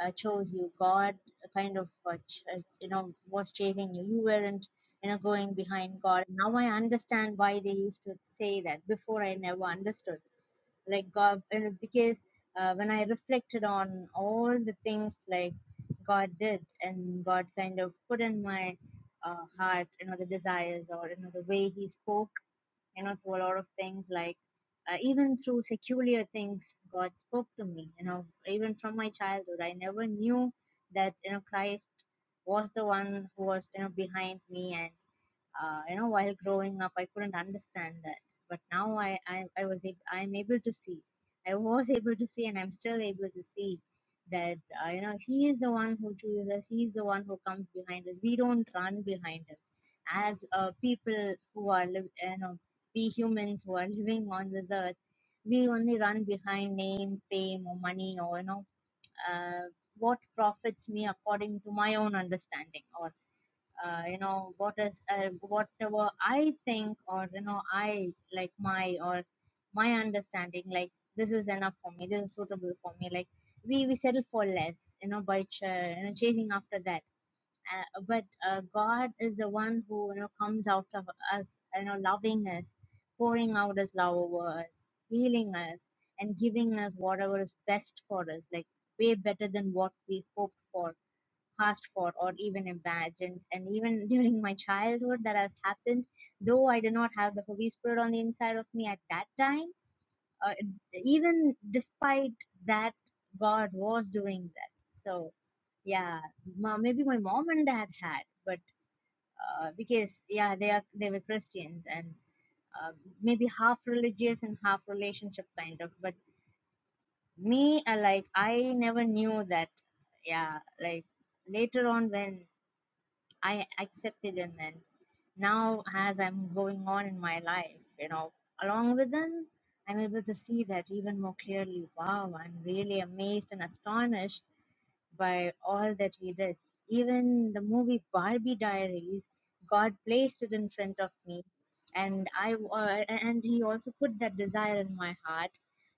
Speaker 5: uh, chose you. God kind of uh, ch- uh, you know was chasing you. You weren't you know going behind God. Now I understand why they used to say that. Before I never understood like god and because uh, when i reflected on all the things like god did and god kind of put in my uh, heart you know the desires or you know the way he spoke you know through a lot of things like uh, even through secular things god spoke to me you know even from my childhood i never knew that you know christ was the one who was you know behind me and uh, you know while growing up i couldn't understand that but now i i, I was ab- i'm able to see i was able to see and i'm still able to see that uh, you know he is the one who chooses us he is the one who comes behind us we don't run behind him as uh, people who are liv- you know we humans who are living on this earth we only run behind name fame or money or you know uh, what profits me according to my own understanding or uh, you know what is uh, whatever i think or you know i like my or my understanding like this is enough for me this is suitable for me like we we settle for less you know by ch- you know, chasing after that uh, but uh, god is the one who you know comes out of us you know loving us pouring out his love over us healing us and giving us whatever is best for us like way better than what we hoped for asked for or even imagined. And even during my childhood, that has happened. Though I did not have the Holy Spirit on the inside of me at that time, uh, even despite that, God was doing that. So yeah, ma- maybe my mom and dad had, but uh, because yeah, they are they were Christians and uh, maybe half religious and half relationship kind of. But me, uh, like I never knew that yeah like later on when I accepted them and now as I'm going on in my life, you know, along with them, I'm able to see that even more clearly. Wow, I'm really amazed and astonished by all that he did. Even the movie Barbie Diaries, God placed it in front of me, and I uh, and he also put that desire in my heart.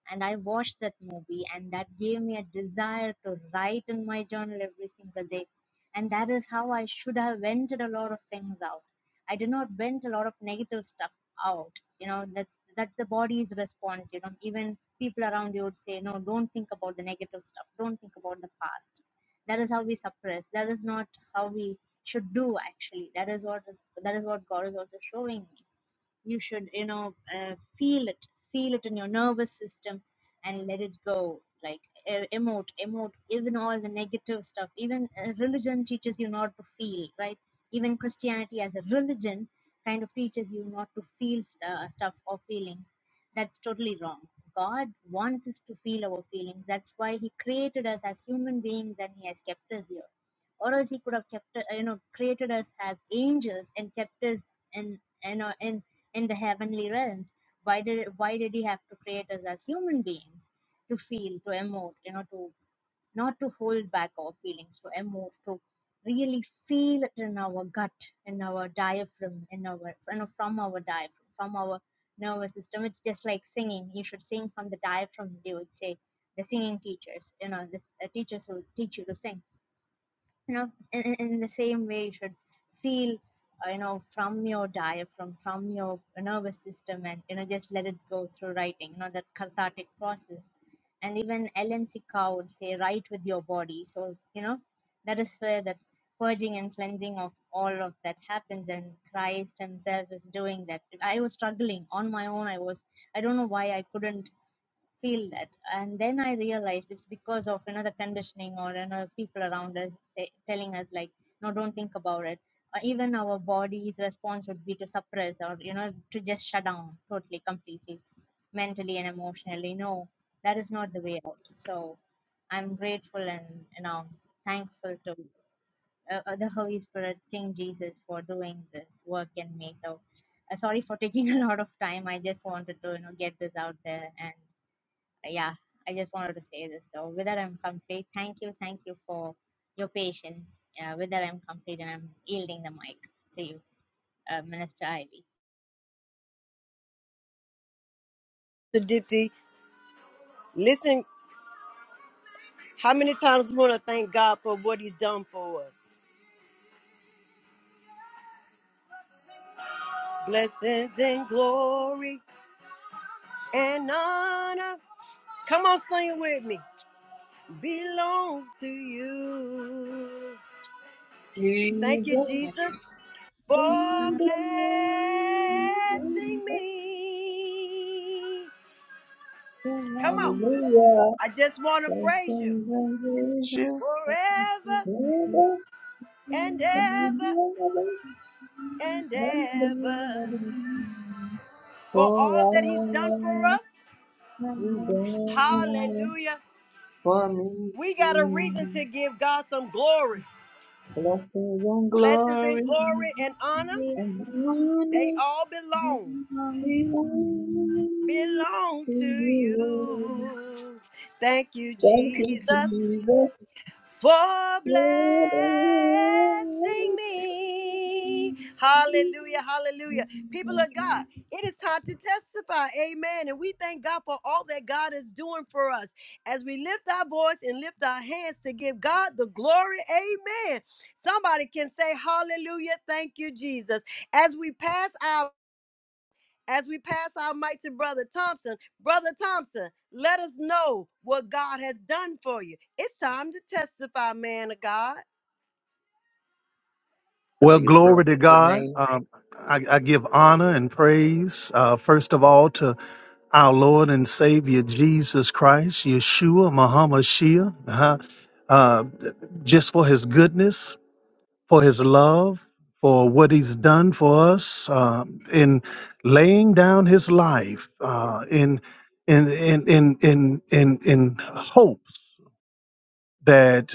Speaker 5: And I watched that movie, and that gave me a desire to write in my journal every single day. And that is how I should have vented a lot of things out. I did not vent a lot of negative stuff out. You know, that's that's the body's response. You know, even people around you would say, no, don't think about the negative stuff. Don't think about the past that is how we suppress that is not how we should do actually that is what is that is what god is also showing me you should you know uh, feel it feel it in your nervous system and let it go like uh, emote emote even all the negative stuff even uh, religion teaches you not to feel right even christianity as a religion kind of teaches you not to feel st- uh, stuff or feelings that's totally wrong god wants us to feel our feelings that's why he created us as human beings and he has kept us here or else he could have kept uh, you know created us as angels and kept us in in in, in the heavenly realms why did why did he have to create us as human beings to feel to emote you know to not to hold back our feelings to emote to really feel it in our gut in our diaphragm in our you know from our diaphragm from our nervous system it's just like singing you should sing from the diaphragm they would say the singing teachers you know the uh, teachers will teach you to sing you know in, in in the same way you should feel uh, you know from your diaphragm from your nervous system and you know just let it go through writing you know that cathartic process and even ellen Sikau would say write with your body so you know that is where that purging and cleansing of all of that happens and christ himself is doing that i was struggling on my own i was i don't know why i couldn't feel that. And then I realized it's because of another conditioning or another people around us say, telling us like, no, don't think about it. Or even our body's response would be to suppress or you know to just shut down totally, completely, mentally and emotionally. No, that is not the way out. So I'm grateful and you know thankful to uh, uh, the Holy Spirit, King Jesus, for doing this work in me. So uh, sorry for taking a lot of time. I just wanted to you know get this out there and yeah, I just wanted to say this. So with that, I'm complete. Thank you, thank you for your patience. Uh, with that, I'm complete, and I'm yielding the mic to you, uh, Minister
Speaker 1: Pastor Dipty. Listen, how many times we want to thank God for what He's done for us? Blessings and glory and honor. Come on, sing it with me. Belongs to you. Thank you,
Speaker 4: Jesus,
Speaker 1: Jesus, for
Speaker 4: Jesus,
Speaker 1: blessing me. Come on.
Speaker 4: hallelujah.
Speaker 1: I just want to
Speaker 4: Thank
Speaker 1: praise you
Speaker 4: you, praise you.
Speaker 1: forever
Speaker 4: Jesus,
Speaker 1: and
Speaker 5: Ivy.
Speaker 1: ever
Speaker 4: Jesus,
Speaker 1: and ever
Speaker 4: hallelujah.
Speaker 1: for
Speaker 4: For
Speaker 1: all that He's done for
Speaker 4: all
Speaker 1: us
Speaker 4: you done
Speaker 1: Hallelujah.
Speaker 4: for me,
Speaker 1: We got a reason to give God some glory.
Speaker 4: blessing,
Speaker 1: Blessings and
Speaker 4: glory.
Speaker 1: glory and honor, they all belong. Belong to you. Thank you,
Speaker 4: That
Speaker 1: Jesus.
Speaker 4: is
Speaker 1: for
Speaker 4: good.
Speaker 1: blessing me. Hallelujah, hallelujah. People of God, it is time to testify. Amen. And we thank God for all that God is doing for us as we lift our voice and lift our hands to give God the glory. Amen. Somebody can say, Hallelujah, thank you, Jesus. As we pass our as we pass our mic to Brother Thompson, Brother Thompson, let us know what God has done for you. It's time to testify, man of God.
Speaker 3: I
Speaker 6: Well,
Speaker 3: think it's
Speaker 6: glory
Speaker 3: brother
Speaker 6: to God.
Speaker 3: Tremaine.
Speaker 6: Um, I, I give honor and praise, uh, first of all, to our Lord and Savior Jesus Christ, Yeshua, Muhammad Shia, uh, uh, just for his goodness, for his love, for what he's done for us uh, in laying down his life uh, in, in, in, in, in, in, in hopes that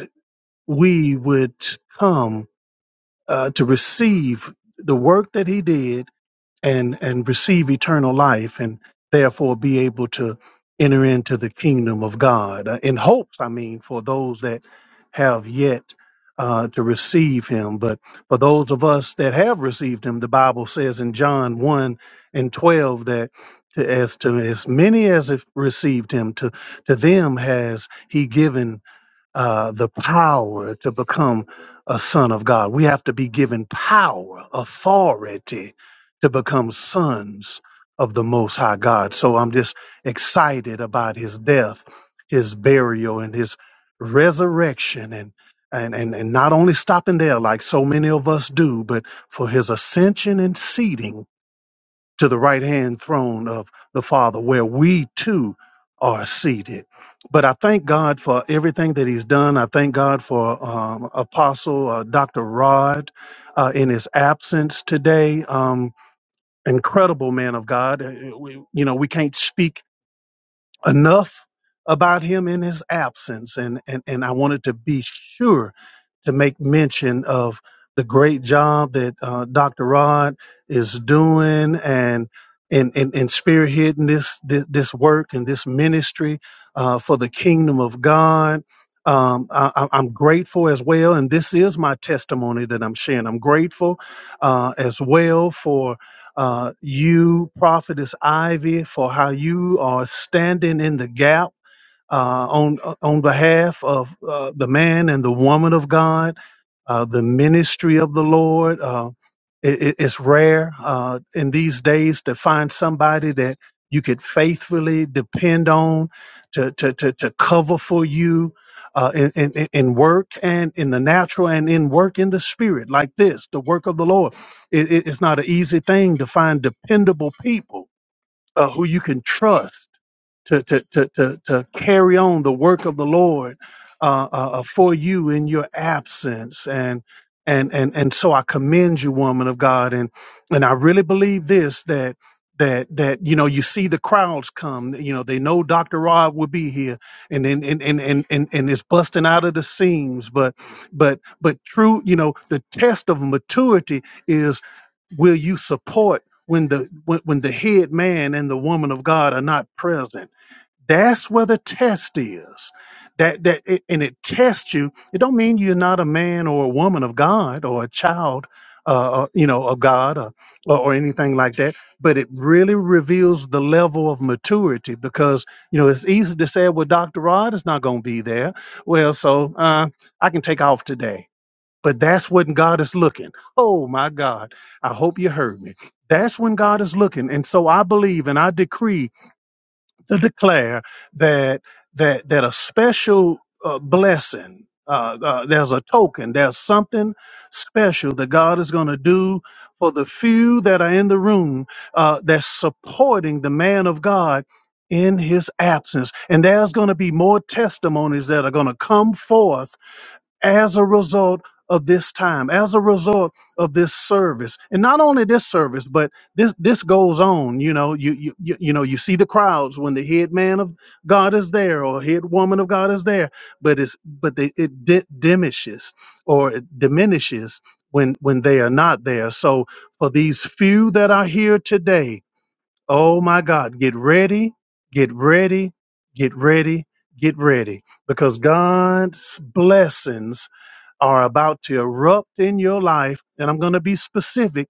Speaker 6: we would come uh, to receive the work that he did and and receive eternal life and therefore be able to enter into the kingdom of God uh, in hopes I mean for those that have yet uh, to receive him but for those of us that have received him the Bible says in John 1 and 12 that to, as to as many as have received him to to them has he given uh, the power to become a son of God. We have to be given power, authority to become sons of the Most High God. So I'm just excited about his death, his burial, and his resurrection and and, and, and not only stopping there like so many of us do, but for his ascension and seating to the right hand throne of the Father, where we too are seated. But I thank God for everything that He's done. I thank God for um, Apostle uh, Dr. Rod uh, in his absence today. Um, incredible man of God. Uh, We, you know, we can't speak enough about him in his absence and and, and i wanted to be sure to make mention of the great job that uh, dr rod is doing and and, and, and spearheading this, this this work and this ministry uh, for the kingdom of god um, I, I- I'm grateful as well, and this is my testimony that I'm sharing. I'm grateful uh, as well uh, you, Prophetess Ivy, for how you are standing in the gap uh, on uh, on behalf of uh, the man and the woman of God uh, the ministry of the Lord. Uh, it, it- it's rare uh, in these days to find somebody that you could faithfully depend on to to to, to cover for you uh, in, in in work and in the natural and in work in the spirit like this. The work of the Lord. It, it- it's not an easy thing to find dependable people uh, who you can trust to, to, to, to, to carry on the work of the Lord uh, uh, uh, for you in your absence. And, and, and, and so I commend you, woman of God. And, and I really believe this, that, that, that, you know, you see the crowds come, you know, they know Dr. Rod will be here and, and, and, and, and, and, and it's busting out of the seams. But, but, but true, you know, the test of maturity is, will you support when the when, when the head man and the woman of God are not present. That's where the test is. That that it, and it tests you. It don't mean you're not a man or a woman of God or a child, uh, or, you know, of God or, or or anything like that. But it really reveals the level of maturity because you know it's easy to say, well, Doctor Rod is not going to be there. Well, so uh, I can take off today but that's when God is looking. Oh my God. I hope you heard me. That's when God is looking. And so I believe and I decree to declare that that that a special uh, blessing uh, uh, there's a token. There's something special that God is going to do for the few that are in the room uh, that's supporting the man of God in his absence. And there's going to be more testimonies that are going to come forth as a result of this time, as a result of this service, and not only this service, but this this goes on. You know, you you you, you know, you see the crowds when the head man of God is there or head woman of God is there, but it's but they, it di- diminishes or it diminishes when when they are not there. So for these few that are here today, oh my God, get ready, get ready, get ready, get ready, because God's blessings are about to erupt in your life, and I'm going to be specific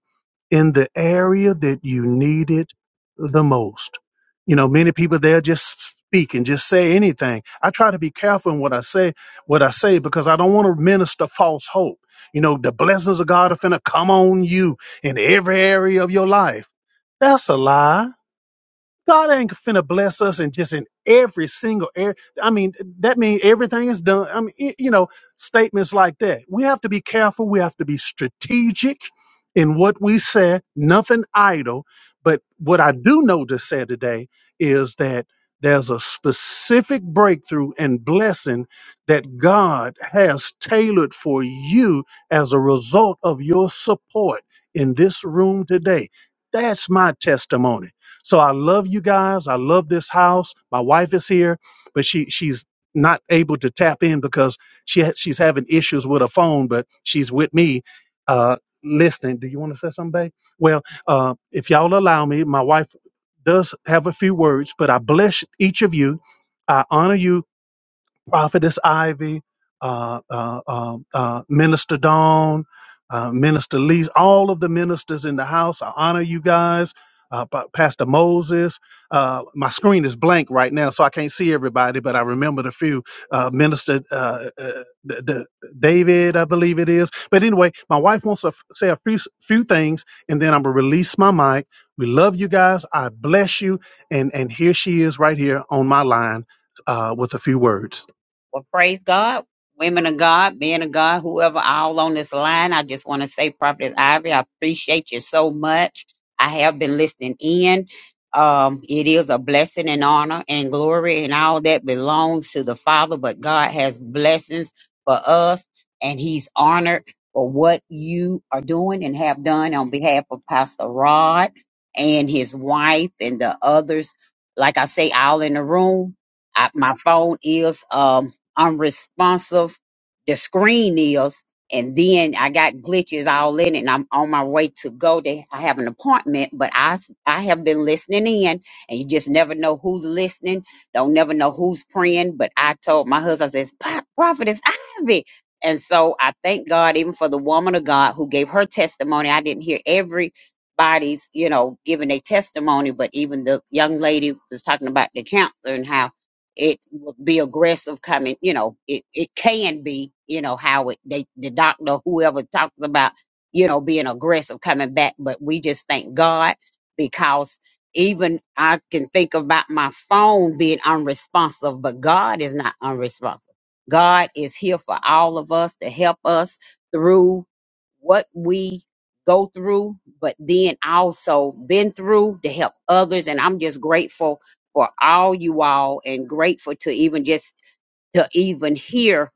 Speaker 6: in the area that you need it the most. You know, many people there just speak and just say anything. I try to be careful in what I say, what I say, because I don't want to minister false hope. You know, the blessings of God are finna come on you in every area of your life. That's a lie God ain't finna bless us and just in every single area. I mean, that means everything is done. I mean, y- you know, statements like that. We have to be careful. We have to be strategic in what we say, nothing idle. But what I do know to say today is that there's a specific breakthrough and blessing that God has tailored for you as a result of your support in this room today. That's my testimony so I love you guys. I love this house. My wife is here, but she she's not able to tap in because she ha- she's having issues with her phone, but she's with me uh listening. Do you want to say something, babe? Well, uh if y'all allow me, my wife does have a few words, but I bless each of you. I honor you Prophetess Ivy, uh, uh, uh, uh, Minister Dawn, uh, Minister Lee, all of the ministers in the house. I honor you guys. Uh, Pa- Pastor Moses. Uh, my screen is blank right now, so I can't see everybody, but I remembered a few. Uh, Minister uh, uh, D- D- David, I believe it is. But anyway, my wife wants to f- say a few, s- few things, and then I'm going to release my mic. We love you guys. I bless you. And, and here she is right here on my line uh, with a few words. Well, praise God, women of God, men of God, whoever all on this line. I just want to say, Prophet Ivy, I appreciate you so much. I have been listening in. Um, it is a blessing and honor and glory and all that belongs to the Father, but God has blessings for us and He's honored for what you are doing and have done on behalf of Pastor Rod and his wife and the others. Like I say, all in the room. I, my phone is um I'm responsive. The screen is, and then I got glitches all in it, and I'm on my way to go. To, I have an appointment, but I s- I have been listening in, and you just never know who's listening. Don't never know who's praying. But I told my husband, I says, "Pa- "Prophetess Ivy," and so I thank God even for the woman of God who gave her testimony. I didn't hear everybody's, you know, giving a testimony, but even the young lady was talking about the cancer and how it would be aggressive coming you know it, it can be you know how it they the doctor whoever talks about you know being aggressive coming back but we just thank god because even i can think about my phone being unresponsive but god is not unresponsive god is here for all of us to help us through what we go through but then also been through to help others and i'm just grateful for all you all and grateful to even just to even hear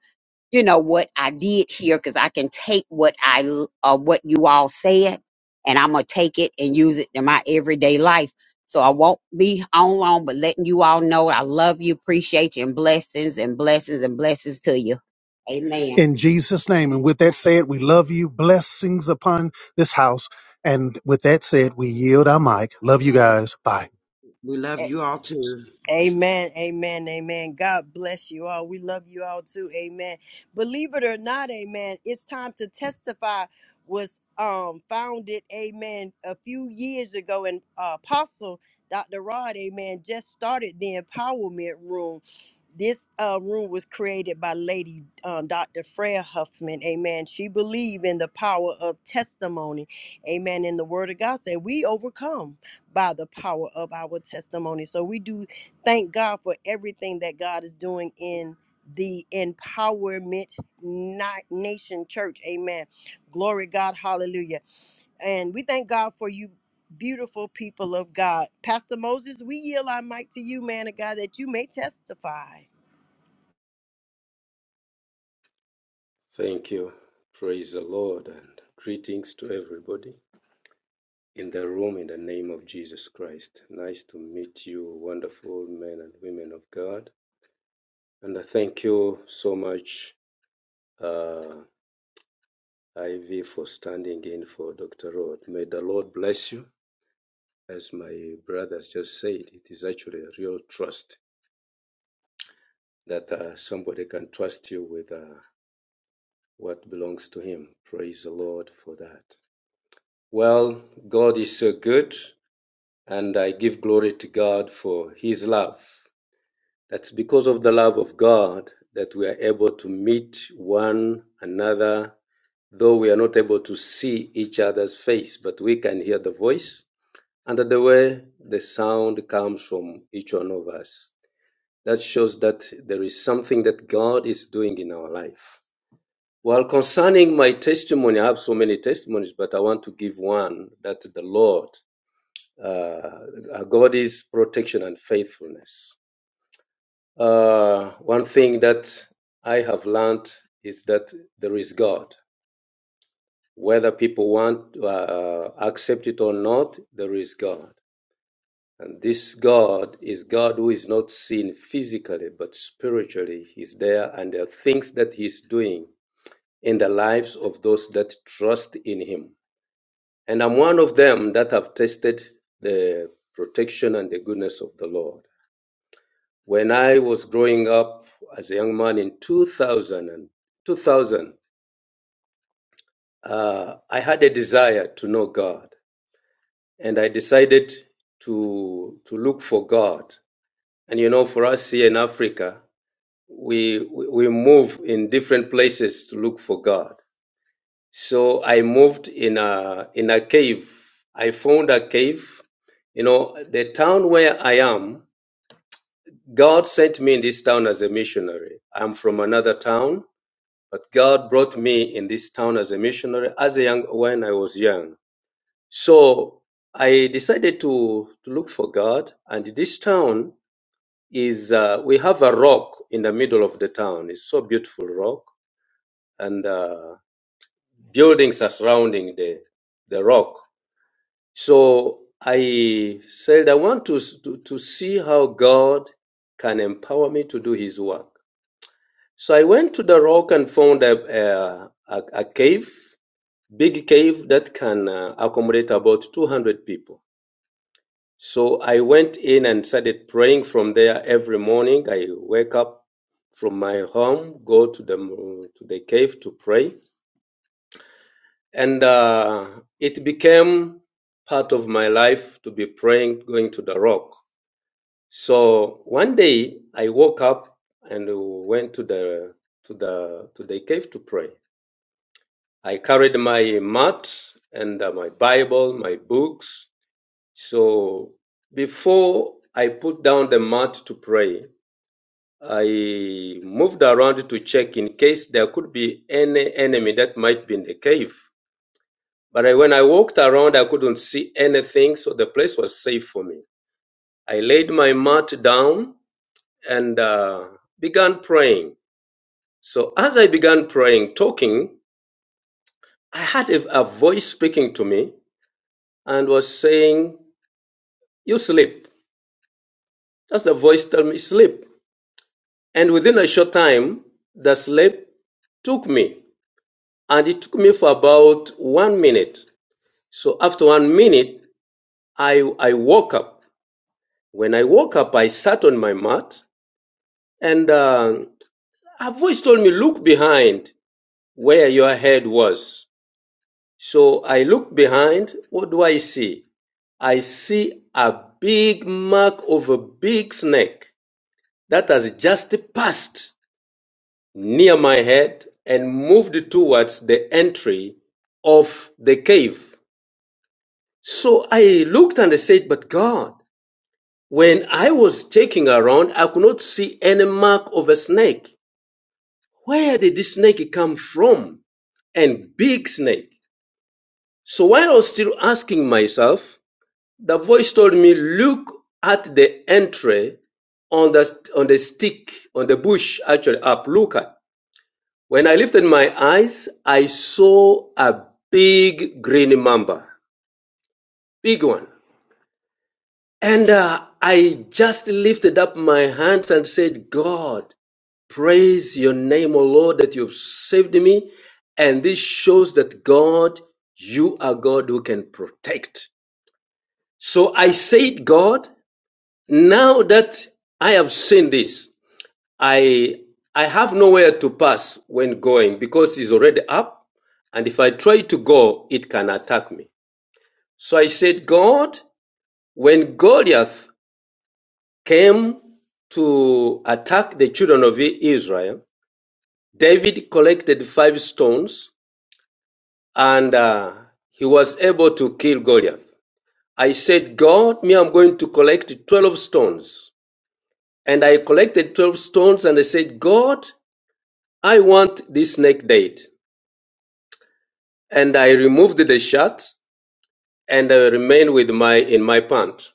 Speaker 6: you know what i did here because i can take what i l- uh, what you all said and i'm gonna take it and use it in my everyday life so i won't be on long but letting you all know i love you appreciate you and blessings and blessings and blessings to you amen in Jesus' name. And with that said, we love you. Blessings upon this house. And with that said, we yield our mic. Love you guys. Bye.
Speaker 3: We love
Speaker 1: A-
Speaker 3: you all too.
Speaker 1: Amen, amen, amen. God bless you all. We love you all too. Amen. Believe it or not, amen. It's time to testify was um founded, amen, a few years ago and uh, apostle Dr. Rod, amen, just started the empowerment room this uh, room was created by lady uh, dr freya huffman amen she believed in the power of testimony amen and the word of god said we overcome by the power of our testimony so we do thank god for everything that god is doing in the empowerment Ni- nation church amen glory god hallelujah and we thank god for you beautiful people of god pastor moses we yield our mic to you man of god that you may testify
Speaker 7: Thank you. Praise the Lord and greetings to everybody in the room in the name of Jesus Christ. Nice to meet you, wonderful men and women of God. And I thank you so much, uh, Ivy, for standing in for Dr. Rod. May the Lord bless you. As my brothers just said, it is actually a real trust that uh, somebody can trust you with uh, what belongs to him. Praise the Lord for that. Well, God is so good. and I give glory to God for His love. That's because of the love of God that we are able to meet one another, though we are not able to see each other's face, but we can hear the voice and the way the sound comes from each one of us. That shows that there is something that God is doing in our life. Well, concerning my testimony, I have so many testimonies, but I want to give one that the Lord uh, God's protection and faithfulness. Uh, one thing that I have learned is that there is God. Whether people want to uh, accept it or not, there is God. And this God is God who is not seen physically, but spiritually. He's there, and there are things that He's doing in the lives of those that trust in Him. And I'm one of them that have tasted the protection and the goodness of the Lord. When I was growing up as a young man in 2000, and 2000 uh, I had a desire to know God, and I decided to to look for God. And you know, for us here in Africa, we we we move in different places to look for God. So I moved in a in a cave. I found a cave. You know, the town where I am, God sent me in this town as a missionary. I'm from another town But God brought me in this town as a missionary as a young when I was young. So I decided to, to look for God, and this town is uh, we have a rock in the middle of the town. It's so beautiful rock, and uh, buildings are surrounding the the rock. So I said I want to, to to see how God can empower me to do His work. So I went to the rock and found a a, a, a cave big cave that can uh, accommodate about 200 people. So I went in and started praying from there every morning. I wake up from my home, go to the to the cave to pray, and uh, it became part of my life to be praying, going to the rock. So one day I woke up and went to the to the to the cave to pray. I carried my mat and uh, my Bible, my books, So before I put down the mat to pray, I moved around to check in case there could be any enemy that might be in the cave. But I, when I walked around, I couldn't see anything, so the place was safe for me. I laid my mat down and uh, began praying. So as I began praying, talking, I had a, a voice speaking to me and was saying, "You sleep." That's the voice telling me sleep. And within a short time, the slave took me, and it took me for about one minute. So after one minute, I, I woke up. When I woke up, I sat on my mat, and uh, a voice told me, Look behind where your head was. So I looked behind. What do I see? I see a big mark of a big snake that has just passed near my head and moved towards the entry of the cave. So I looked and I said, But God, when I was checking around, I could not see any mark of a snake. Where did this snake come from? And big snake. So while I was still asking myself, the voice told me, Look at the entry on the, on the stick, on the bush, actually, up. Look at. When I lifted my eyes, I saw a big green mamba, big one. And uh, I just lifted up my hands and said, God, praise your name, O Lord, that you've saved me. And this shows that God, you are God who can protect. So I said, God, now that I have seen this, I I have nowhere to pass when going because it's already up, and if I try to go, it can attack me. So I said, God, when Goliath came to attack the children of Israel, David collected five stones and uh, he was able to kill Goliath. I said, God, me, I'm going to collect 12 stones. And I collected 12 stones and I said, God, I want this snake dead. and I removed the shirt and I remained with my in my pant.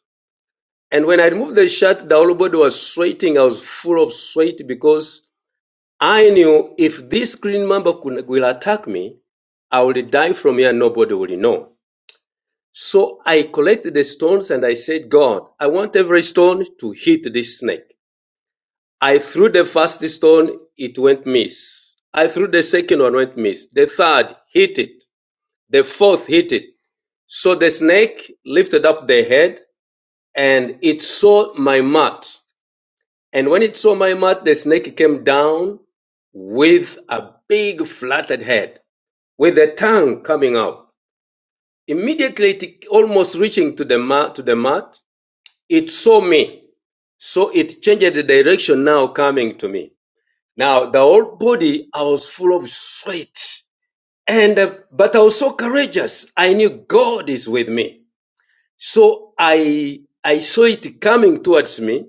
Speaker 7: And when I removed the shirt, the whole body was sweating. I was full of sweat because I knew if this clean member could, will attack me, I will die from here. Nobody will know. So I collected the stones and I said, God, I want every stone to hit this snake. I threw the first stone, it went miss. I threw the second one, went miss. The third hit it. The fourth hit it. So the snake lifted up the head, and it saw my mat. And when it saw my mat, the snake came down with a big flattened head, with the tongue coming out. Immediately, it, almost reaching to the mat, to the mat, it saw me. So it changed the direction now coming to me. Now the whole body, I was full of sweat. And, uh, but I was so courageous. I knew God is with me. So I I saw it coming towards me.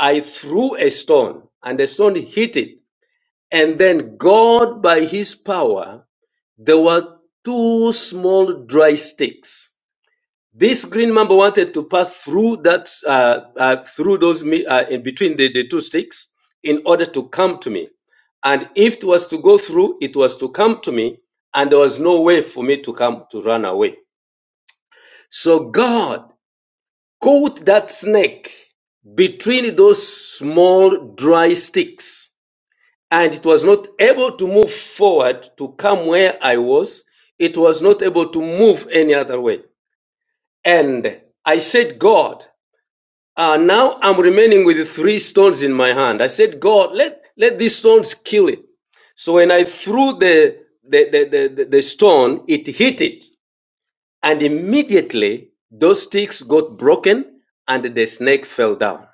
Speaker 7: I threw a stone, and the stone hit it. And then God, by His power, there were two small dry sticks. This green mamba wanted to pass through that uh, uh, through those mi- uh, in between the, the two sticks in order to come to me. And if it was to go through, it was to come to me, and there was no way for me to come to run away. So God Caught that snake between those small dry sticks, and it was not able to move forward to come where I was. It was not able to move any other way. And I said, God, uh, now I'm remaining with three stones in my hand. I said, God, let, let these stones kill it. So when I threw the, the, the, the, the- the stone, it hit it. And immediately those sticks got broken and the snake fell down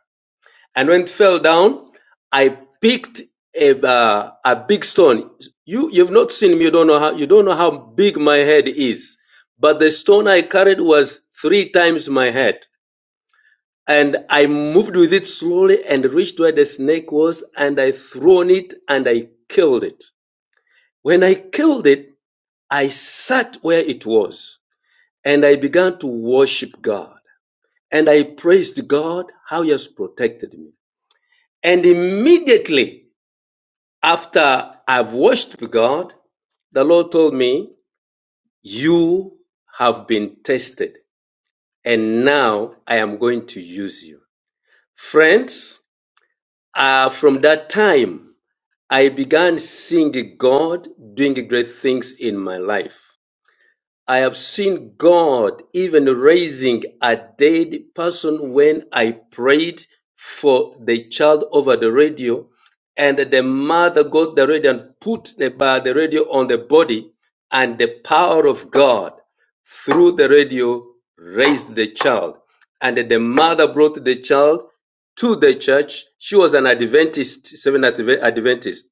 Speaker 7: and when it fell down, I picked a uh, a big stone. You you've not seen me. You don't know how you don't know how big my head is. But the stone I carried was three times my head, and I moved with it slowly and reached where the snake was, and I thrown it and I killed it. When I killed it, I sat where it was, and I began to worship God, and I praised God how He has protected me, and immediately After I've worshipped God, the Lord told me, You have been tested, and now I am going to use you. Friends, uh, from that time, I began seeing God doing great things in my life. I have seen God even raising a dead person when I prayed for the child over the radio and the mother got the radio and put the, by the radio on the body and the power of God through the radio raised the child and the mother brought the child to the church. She was an Adventist, Seventh-day Adventist,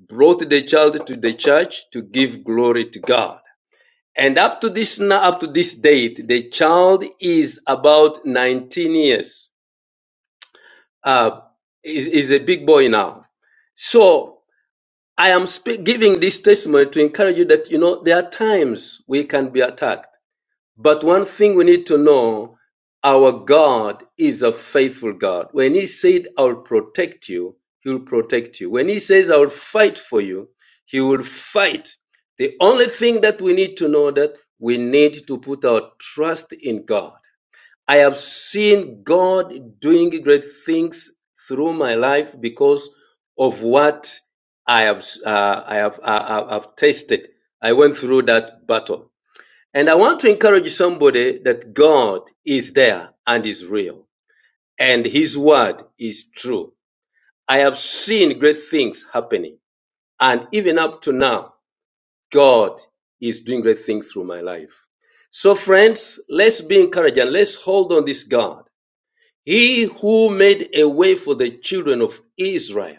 Speaker 7: brought the child to the church to give glory to God and up to this now, up to this date, the child is about 19 years. Uh, is is a big boy now. So I am sp- giving this testimony to encourage you that you know there are times we can be attacked. But one thing we need to know our God is a faithful God. When He said, I'll protect you, He'll protect you. When He says, I'll fight for you, He will fight. The only thing that we need to know that we need to put our trust in God. I have seen God doing great things through my life because of what I have, uh, I have, I have I have tasted. I went through that battle. And I want to encourage somebody that God is there and is real, and His word is true. I have seen great things happening, and even up to now, God is doing great things through my life. So, friends, let's be encouraged and let's hold on this God. He who made a way for the children of Israel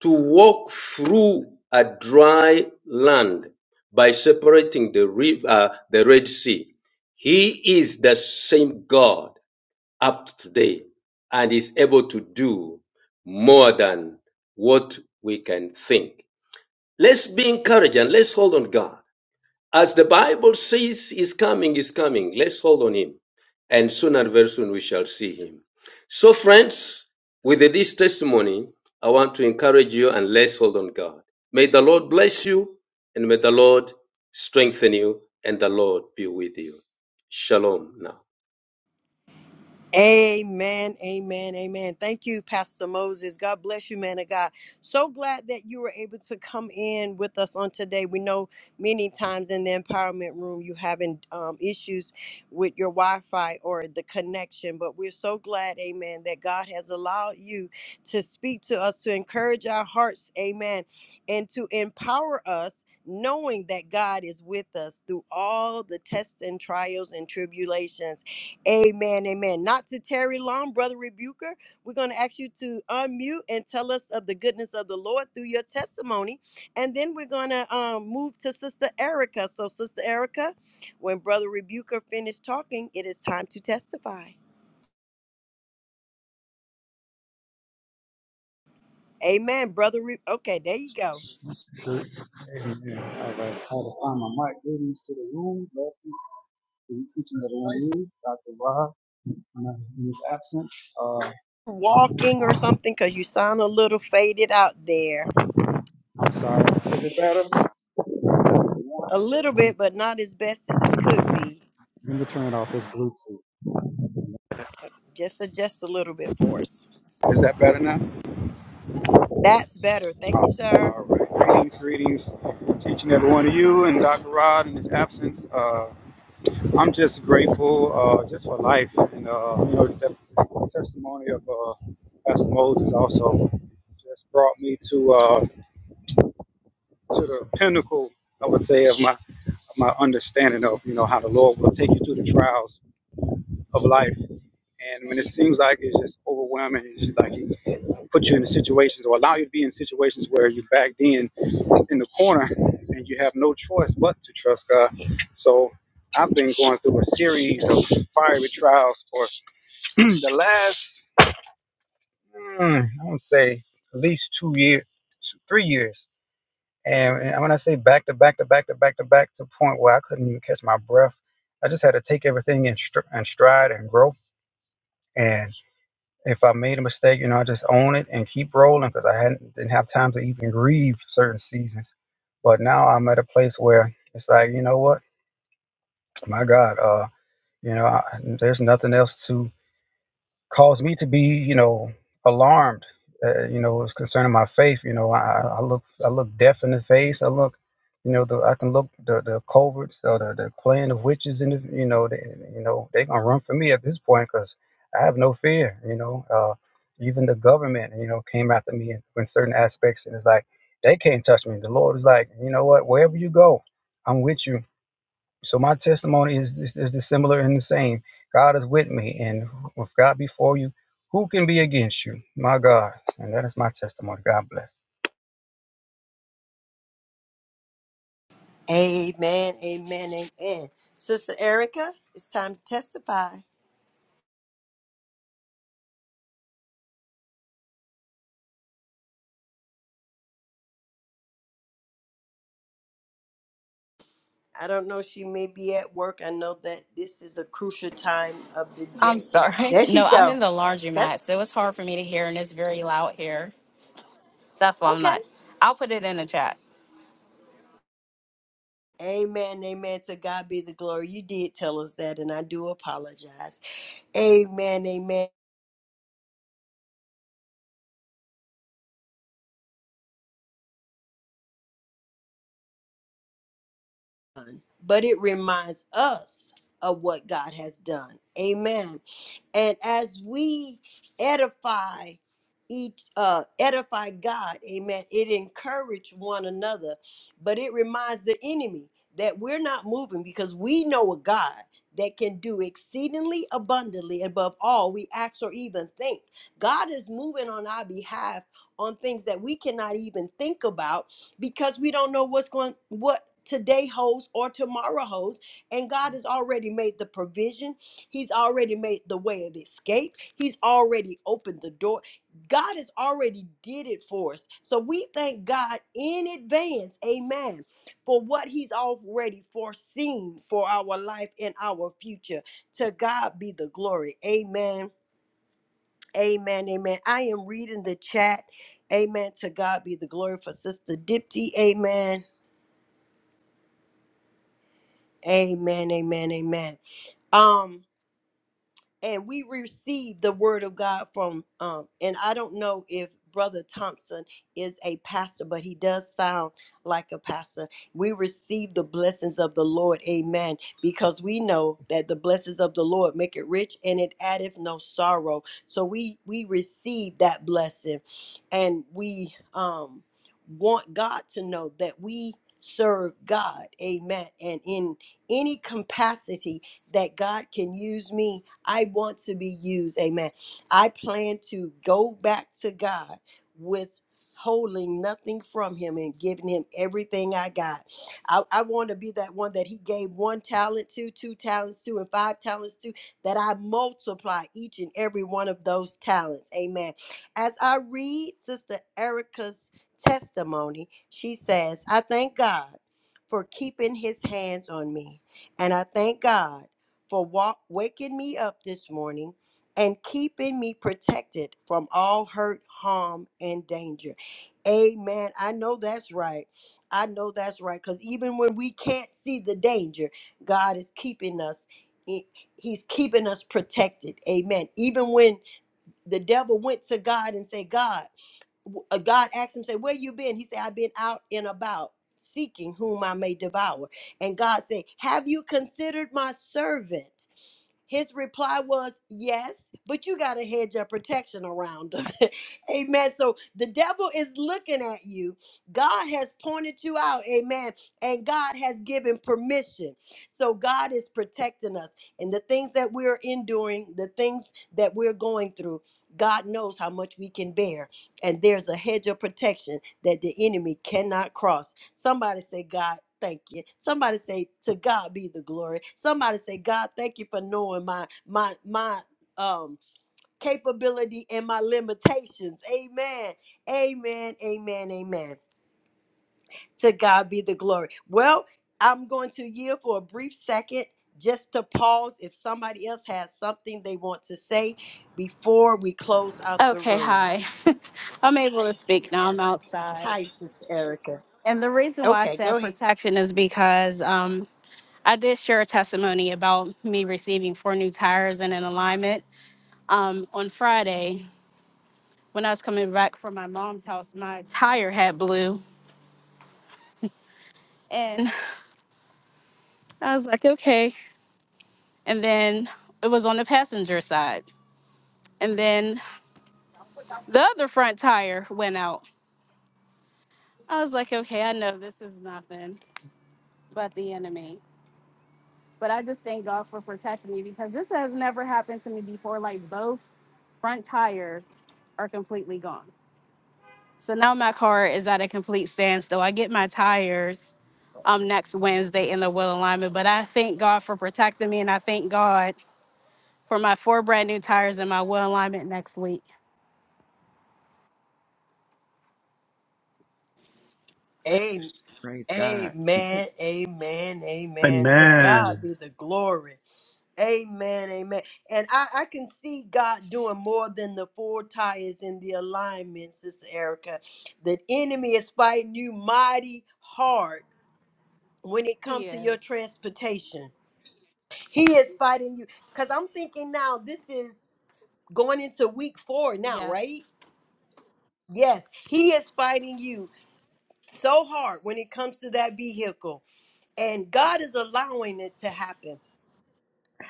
Speaker 7: to walk through a dry land by separating the river, uh, the Red Sea. He is the same God up to today and is able to do more than what we can think. Let's be encouraged and let's hold on God. As the Bible says, is coming, is coming. Let's hold on him. And soon and very soon we shall see him. So, friends, with this testimony, I want to encourage you and let's hold on God. May the Lord bless you and may the Lord strengthen you and the Lord be with you. Shalom now.
Speaker 1: Amen, amen, amen. Thank you, Pastor Moses. God bless you, man of God. So glad that you were able to come in with us on today. We know many times in the empowerment room you having um, issues with your Wi-Fi or the connection, but we're so glad, amen, that God has allowed you to speak to us, to encourage our hearts, amen, and to empower us. Knowing that God is with us through all the tests and trials and tribulations. Amen, amen. Not to tarry long, Brother Rebuker. We're going to ask you to unmute and tell us of the goodness of the Lord through your testimony. And then we're going to um, move to Sister Erica. So, Sister Erica, when Brother Rebuker finished talking, it is time to testify. Amen, Brother. Re- okay, there you go.
Speaker 8: Amen. All right. I had to find my mic. Greetings to the room. Blessings to each and every one of you. Dr. Rob, when I- he was absent. Uh,
Speaker 1: Walking or something because you sound a little faded out there.
Speaker 8: I'm sorry. Is it better?
Speaker 1: A little bit, but not as best as it could be.
Speaker 8: Let me turn off this Bluetooth.
Speaker 1: Just adjust a little bit for us.
Speaker 8: Is that better now?
Speaker 1: That's better. Thank you, sir.
Speaker 8: All right. Greetings, greetings to each and every one of you and Dr. Rod in his absence. Uh, I'm just grateful uh, just for life and, uh, you know, the testimony of uh, Pastor Moses also just brought me to. uh, to the pinnacle, I would say, of my of my understanding of you know how the Lord will take you through the trials of life. And when it seems like it's just overwhelming, it's just like He put you in situations or allow you to be in situations where you're backed in in the corner and you have no choice but to trust God. So I've been going through a series of fiery trials for the last, mm, I would say, at least two years, three years. And, and when I say back to back to back to back to back to the point where I couldn't even catch my breath, I just had to take everything in, str- in stride and grow. And if I made a mistake, you know, I just own it and keep rolling because I hadn't didn't have time to even grieve certain seasons. But now I'm at a place where it's like, you know what, my God, uh, you know, I, there's nothing else to caused me to be, you know, alarmed. Uh, you know, it's concerning my faith. You know, I, I look, I look death in the face. I look, you know, the, I can look the the culverts or the, the clan of witches in the, you know, they, you know, they gonna run for me at this point because I have no fear. You know, uh, even the government, you know, came after me in, in certain aspects, and it's like they can't touch me. The Lord is like, you know what? Wherever you go, I'm with you so my testimony is is is similar and the same. God is with me, and with God before you, who can be against you? My God, and that is my testimony. God
Speaker 1: Amen, amen, amen. Sister Erica, it's time to testify. I don't know, she may be at work. I know that this is a crucial time of the
Speaker 9: I'm
Speaker 1: day.
Speaker 9: sorry.
Speaker 1: There she
Speaker 9: No, I'm in
Speaker 1: go.
Speaker 9: the
Speaker 1: That's
Speaker 9: laundromat, so it's hard for me to hear, and it's very loud here. That's why I'm
Speaker 1: okay.
Speaker 9: not. I'll put it in the chat.
Speaker 1: Amen, amen. To God be the glory. You did tell us that, and I do apologize. Amen, amen. but it reminds us of what God has done. Amen. And as we edify each uh edify God, amen, it encourage one another, but it reminds the enemy that we're not moving because we know a God that can do exceedingly abundantly above all we ask or even think. God is moving on our behalf on things that we cannot even think about because we don't know what's going what today holds or tomorrow holds. And God has already made the provision, He's already made the way of escape, He's already opened the door. God has already did it for us. So we thank God in advance, amen, for what he's already foreseen for our life and our future. To God be the glory. Amen. Amen. Amen. I am reading the chat. Amen. To God be the glory for Sister Dipty. Amen. Amen. Amen. Amen. Um, and we receive the word of God from um and I don't know if brother Thompson is a pastor but he does sound like a pastor. We receive the blessings of the Lord. Amen. Because we know that the blessings of the Lord make it rich and it addeth no sorrow. So we we receive that blessing and we um want God to know that we serve God. Amen. And in any capacity that God can use me I want to be used. Amen. I plan to go back to God with holding nothing from him and giving him everything I got. I, I want to be that one that he gave one talent to, two talents to, and five talents to, that I multiply each and every one of those talents. Amen. As I read Sister Erica's testimony, she says, I thank God for keeping his hands on me. And I thank God for wa- waking me up this morning and keeping me protected from all hurt, harm, and danger. Amen. I know that's right. I know that's right. Because even when we can't see the danger, God is keeping us. He- He's keeping us protected. Amen. Even when the devil went to God and said, God, w- uh, God asked him, say, where you been? He said, I've been out and about seeking whom I may devour. And God said, have you considered my servant? His reply was, Yes, but you got to hedge your protection around them. Amen. So the devil is looking at you. God has pointed you out. Amen. And God has given permission. So God is protecting us. And the things that we're enduring, the things that we're going through, God knows how much we can bear. And there's a hedge of protection that the enemy cannot cross. Somebody say, God, thank you. Somebody say, to God be the glory. Somebody say, God, thank you for knowing my my my um capability and my limitations. Amen. Amen. Amen. Amen. To God be the glory. Well, I'm going to yield for a brief second just to pause if somebody else has something they want to say before we close out the
Speaker 9: Okay,
Speaker 1: room.
Speaker 9: hi. I'm able to speak now. I'm outside.
Speaker 1: Hi, Sister Erica.
Speaker 9: And the reason why I
Speaker 1: Okay, go
Speaker 9: said protection is because um, I did share a testimony about me receiving four new tires and an alignment. Um, on Friday, when I was coming back from my mom's house, my tire had blew. And I was like, okay. And then it was on the passenger side. And then The other front tire went out. I was like, okay, I know this is nothing but the enemy. But I just thank God for protecting me because this has never happened to me before. Like both front tires are completely gone. So now my car is at a complete standstill. I get my tires um next Wednesday in the wheel alignment. But I thank God for protecting me and I thank God for my four brand new tires and my wheel alignment next week.
Speaker 1: ahead.
Speaker 3: Praise God.
Speaker 1: Amen, amen, amen. To God
Speaker 6: Amen.
Speaker 1: be the glory. Amen, amen. And I, I can see God doing more than the four tires in the alignment, Sister Erica. The enemy is fighting you mighty hard when it
Speaker 9: He
Speaker 1: comes to your
Speaker 9: is.
Speaker 1: transportation. He is fighting you. Because I'm thinking now, this is going into week four now,
Speaker 9: Yes.
Speaker 1: right? Yes, he is fighting you so hard when it comes to that vehicle and God is allowing it to happen.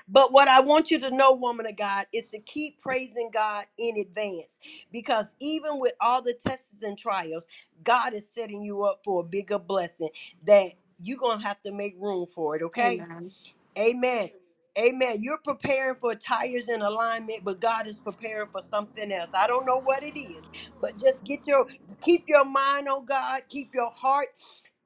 Speaker 1: But what I want you to know, woman of God, is to keep praising God in advance because even with all the tests and trials, God is setting you up for a bigger blessing that you're going to have to make room for it, okay?
Speaker 9: Amen.
Speaker 1: Amen. Amen. You're preparing for tires and alignment, but God is preparing for something else. I don't know what it is, but just get your keep your mind on God, keep your heart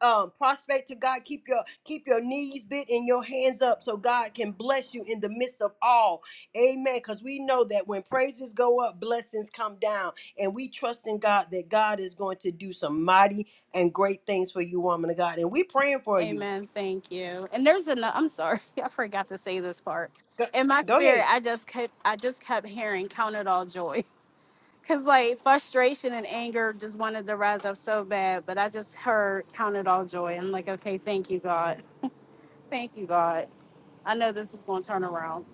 Speaker 1: um, prostrate to God. Keep your keep your knees bent and your hands up so God can bless you in the midst of all. Amen. Because we know that when praises go up, blessings come down, and we trust in God that God is going to do some mighty and great things for you, woman of God. And we praying for you.
Speaker 9: Amen. Thank you. And there's another. I'm sorry, I forgot to say this part.
Speaker 1: Go,
Speaker 9: In my
Speaker 1: go
Speaker 9: spirit,
Speaker 1: ahead.
Speaker 9: I just kept, I just kept hearing "Count it all joy," because like frustration and anger just wanted to rise up so bad. But I just heard "Count it all joy." I'm like, okay, thank you, God. Thank you, God. I know this is going to turn around.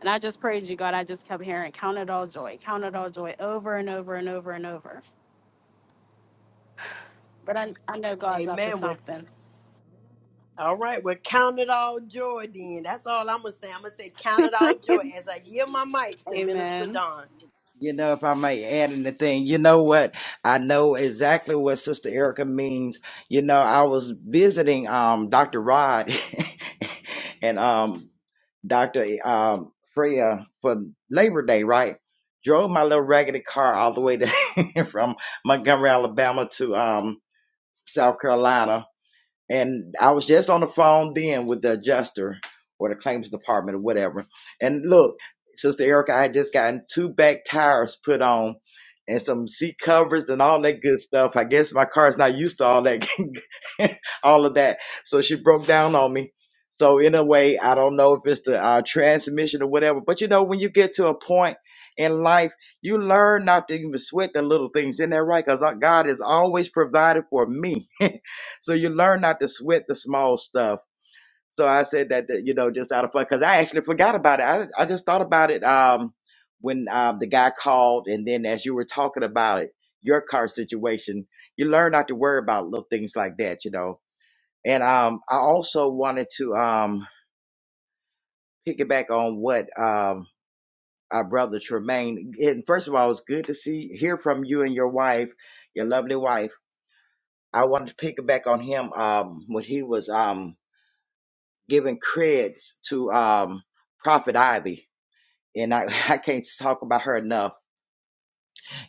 Speaker 9: And I just praise you, God. I just kept hearing "Count it all joy," "Count it all joy," over and over and over and over. But I, I know God's up to
Speaker 1: Amen. We're,
Speaker 9: something.
Speaker 1: all right, we're count it all joy. Then that's all I'm gonna say. I'm gonna say count it all joy as I yield my mic to Minister
Speaker 9: Amen.
Speaker 1: Don.
Speaker 3: You know, if I might add anything, you know what? I know exactly what Sister Erica means. You know, I was visiting um Dr. Rod and um Dr. Um, Freya for Labor Day, right? Drove my little raggedy car all the way to from Montgomery, Alabama to um, South Carolina and I was just on the phone then with the adjuster or the claims department or whatever. And look, Sister Erica, I had just gotten two back tires put on and some seat covers and all that good stuff. I guess my car's not used to all that, all of that. So she broke down on me. So in a way, I don't know if it's the uh, transmission or whatever, but you know, when you get to a point in life, you learn not to even sweat the little things in there, right? Because God has always provided for me. So you learn not to sweat the small stuff. So I said that, that, you know, just out of fun, because I actually forgot about it. I, I just thought about it um, when um, the guy called, and then as you were talking about it, your car situation, you learn not to worry about little things like that, you know. And um, I also wanted to um, piggyback on what um, our brother Tremaine. And first of all, it's good to see hear from you and your wife, your lovely wife. I wanted to piggyback on him um, when he was. Um, giving credits to um Prophet Ivy. And I, I can't talk about her enough.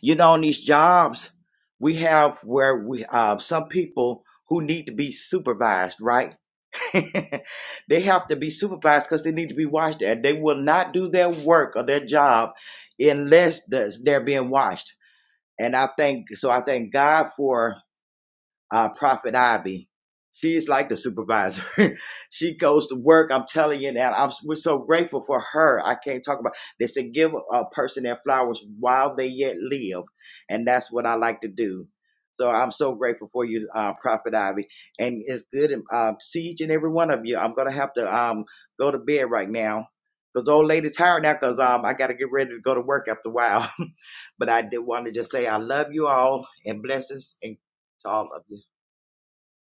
Speaker 3: You know, on these jobs we have where we uh, some people who need to be supervised, right? they have to be supervised because they need to be watched. And they will not do their work or their job unless the- they're being watched. And I thank so I thank God for uh, Prophet Ivy. She's like the supervisor. she goes to work. I'm telling you that I'm, we're so grateful for her. I can't talk about They said give a person their flowers while they yet live. And that's what I like to do. So I'm so grateful for you, uh, Prophet Ivy. And it's good to uh, see each and every one of you. I'm going to have to um, go to bed right now because old lady tired now because um, I got to get ready to go to work after a while. but I did want to just say I love you all and blessings and to all of you.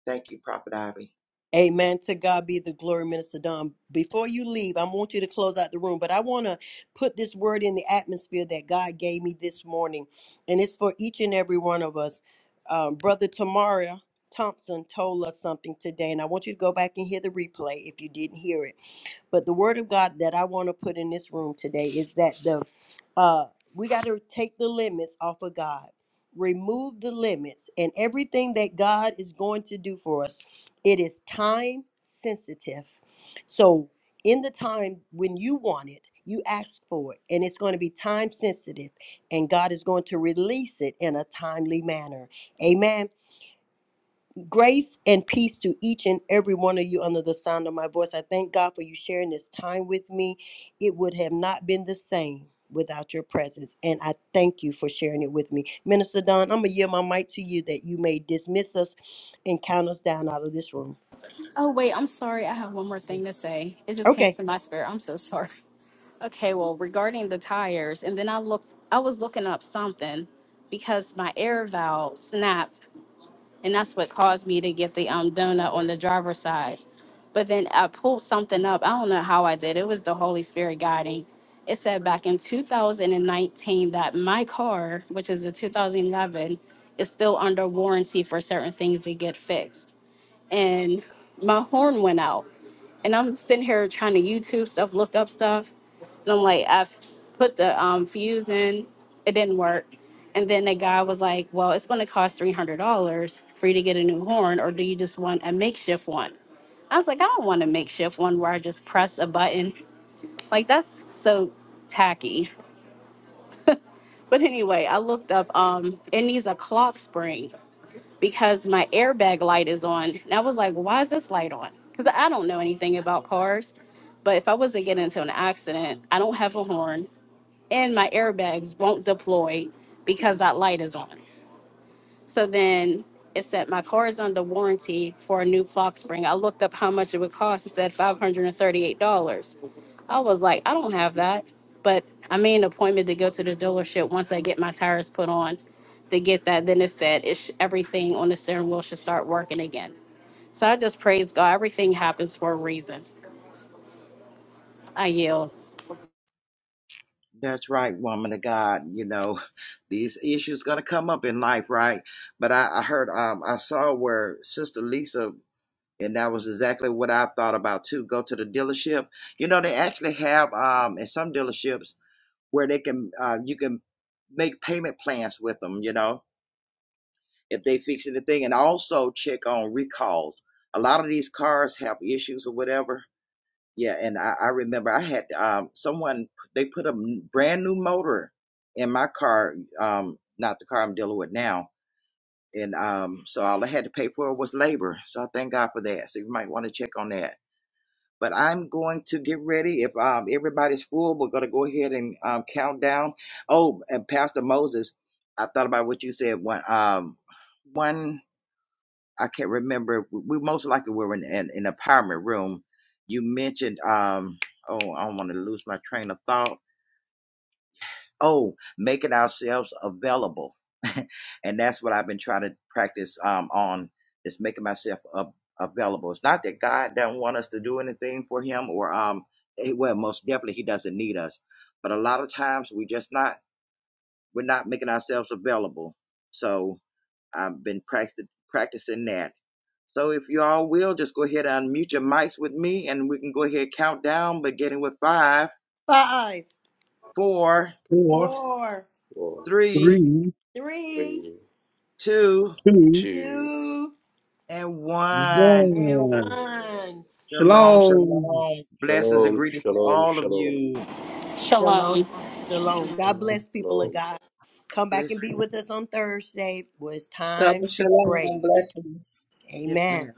Speaker 3: Thank you, Prophet Ivy.
Speaker 1: Amen. To God be the glory, Minister Don. Before you leave, I want you to close out the room, but I want to put this word in the atmosphere that God gave me this morning, and it's for each and every one of us. Um, Brother Tamara Thompson told us something today, and I want you to go back and hear the replay if you didn't hear it. But the word of God that I want to put in this room today is that the uh we got to take the limits off of God. Remove the limits and everything that God is going to do for us. It is time sensitive. So in the time when you want it, you ask for it, and it's going to be time sensitive, and God is going to release it in a timely manner. Amen. Grace and peace to each and every one of you under the sound of my voice. I thank God for you sharing this time with me. It would have not been the same without your presence, and I thank you for sharing it with me. Minister Don, I'm going to yield my mic to you that you may dismiss us and count us down out of this room.
Speaker 9: Oh, wait, I'm sorry. I have one more thing to say. It just came
Speaker 1: Okay.
Speaker 9: to my spirit. I'm so sorry. Okay, well, regarding the tires, and then I looked, I was looking up something because my air valve snapped, and that's what caused me to get the um donut on the driver's side. But then I pulled something up. I don't know how I did. It was the Holy Spirit guiding. It said back in 2019 that my car, which is a 2011, is still under warranty for certain things to get fixed and my horn went out. And I'm sitting here trying to YouTube stuff, look up stuff. And I'm like, I've put the um, fuse in, it didn't work. And then the guy was like, Well, it's going to cost $300 for you to get a new horn, or do you just want a makeshift one? I was like, I don't want a makeshift one where I just press a button. Like, that's so tacky. But anyway, I looked up, um, it needs a clock spring because my airbag light is on. And I was like, why is this light on? Because I don't know anything about cars. But if I wasn't getting into an accident, I don't have a horn and my airbags won't deploy because that light is on. So then it said my car is under warranty for a new clock spring. I looked up how much it would cost. It said five hundred and thirty-eight dollars. I was like, I don't have that, but I made an appointment to go to the dealership once I get my tires put on to get that. Then it said it sh- everything on the steering wheel should start working again. So I just praise God. Everything happens for a reason. I yield.
Speaker 3: That's right, woman of God. You know, these issues gonna come up in life, right? But I, I heard, um, I saw where Sister Lisa, and that was exactly what I thought about too. Go to the dealership. You know, they actually have um in some dealerships where they can uh, you can make payment plans with them. You know, if they fix anything, and also check on recalls. A lot of these cars have issues or whatever, Yeah, and I, I remember I had um, someone they put a n- brand new motor in my car, um, not the car I'm dealing with now, and um, so all I had to pay for was labor. So I thank God for that. So you might want to check on that. But I'm going to get ready. If um, everybody's full, we're going to go ahead and um, count down. Oh, and Pastor Moses, I thought about what you said. One, um, one. I can't remember. We most likely were in an in, in empowerment room. You mentioned, um, oh, I don't want to lose my train of thought. Oh, making ourselves available, and that's what I've been trying to practice um, on is making myself av- available. It's not that God doesn't want us to do anything for Him, or um, eh, well, most definitely He doesn't need us, but a lot of times we just not we're not making ourselves available. So I've been practicing practicing that. So if you all will, just go ahead and mute your mics with me, and we can go ahead and count down, beginning with five,
Speaker 1: Five,
Speaker 3: four,
Speaker 6: Four.
Speaker 1: four,
Speaker 7: One,
Speaker 3: three,
Speaker 6: Three,
Speaker 1: three,
Speaker 7: three,
Speaker 3: two,
Speaker 6: two,
Speaker 7: two,
Speaker 1: two,
Speaker 3: and one.
Speaker 1: and
Speaker 6: one.
Speaker 7: one.
Speaker 1: one.
Speaker 3: Shalom,
Speaker 6: Shalom.
Speaker 3: shalom. Blessings and
Speaker 7: Shalom,
Speaker 3: greetings to
Speaker 7: shalom,
Speaker 3: all of
Speaker 7: shalom,
Speaker 3: you.
Speaker 1: Shalom.
Speaker 9: Shalom.
Speaker 1: Shalom. God
Speaker 8: bless.
Speaker 1: bless people of
Speaker 7: shalom.
Speaker 1: God.
Speaker 3: God
Speaker 1: Come back and
Speaker 3: bless
Speaker 1: be
Speaker 3: you.
Speaker 1: with us on Thursday. Well, it's time
Speaker 4: Double
Speaker 1: to
Speaker 4: shalom
Speaker 1: pray.
Speaker 4: and blessings.
Speaker 3: Yes,
Speaker 1: Amen.
Speaker 3: ma'am.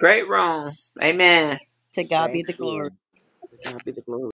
Speaker 4: Great room. Amen.
Speaker 1: To God be
Speaker 3: Thank
Speaker 1: the glory.
Speaker 3: you. To God be the glory.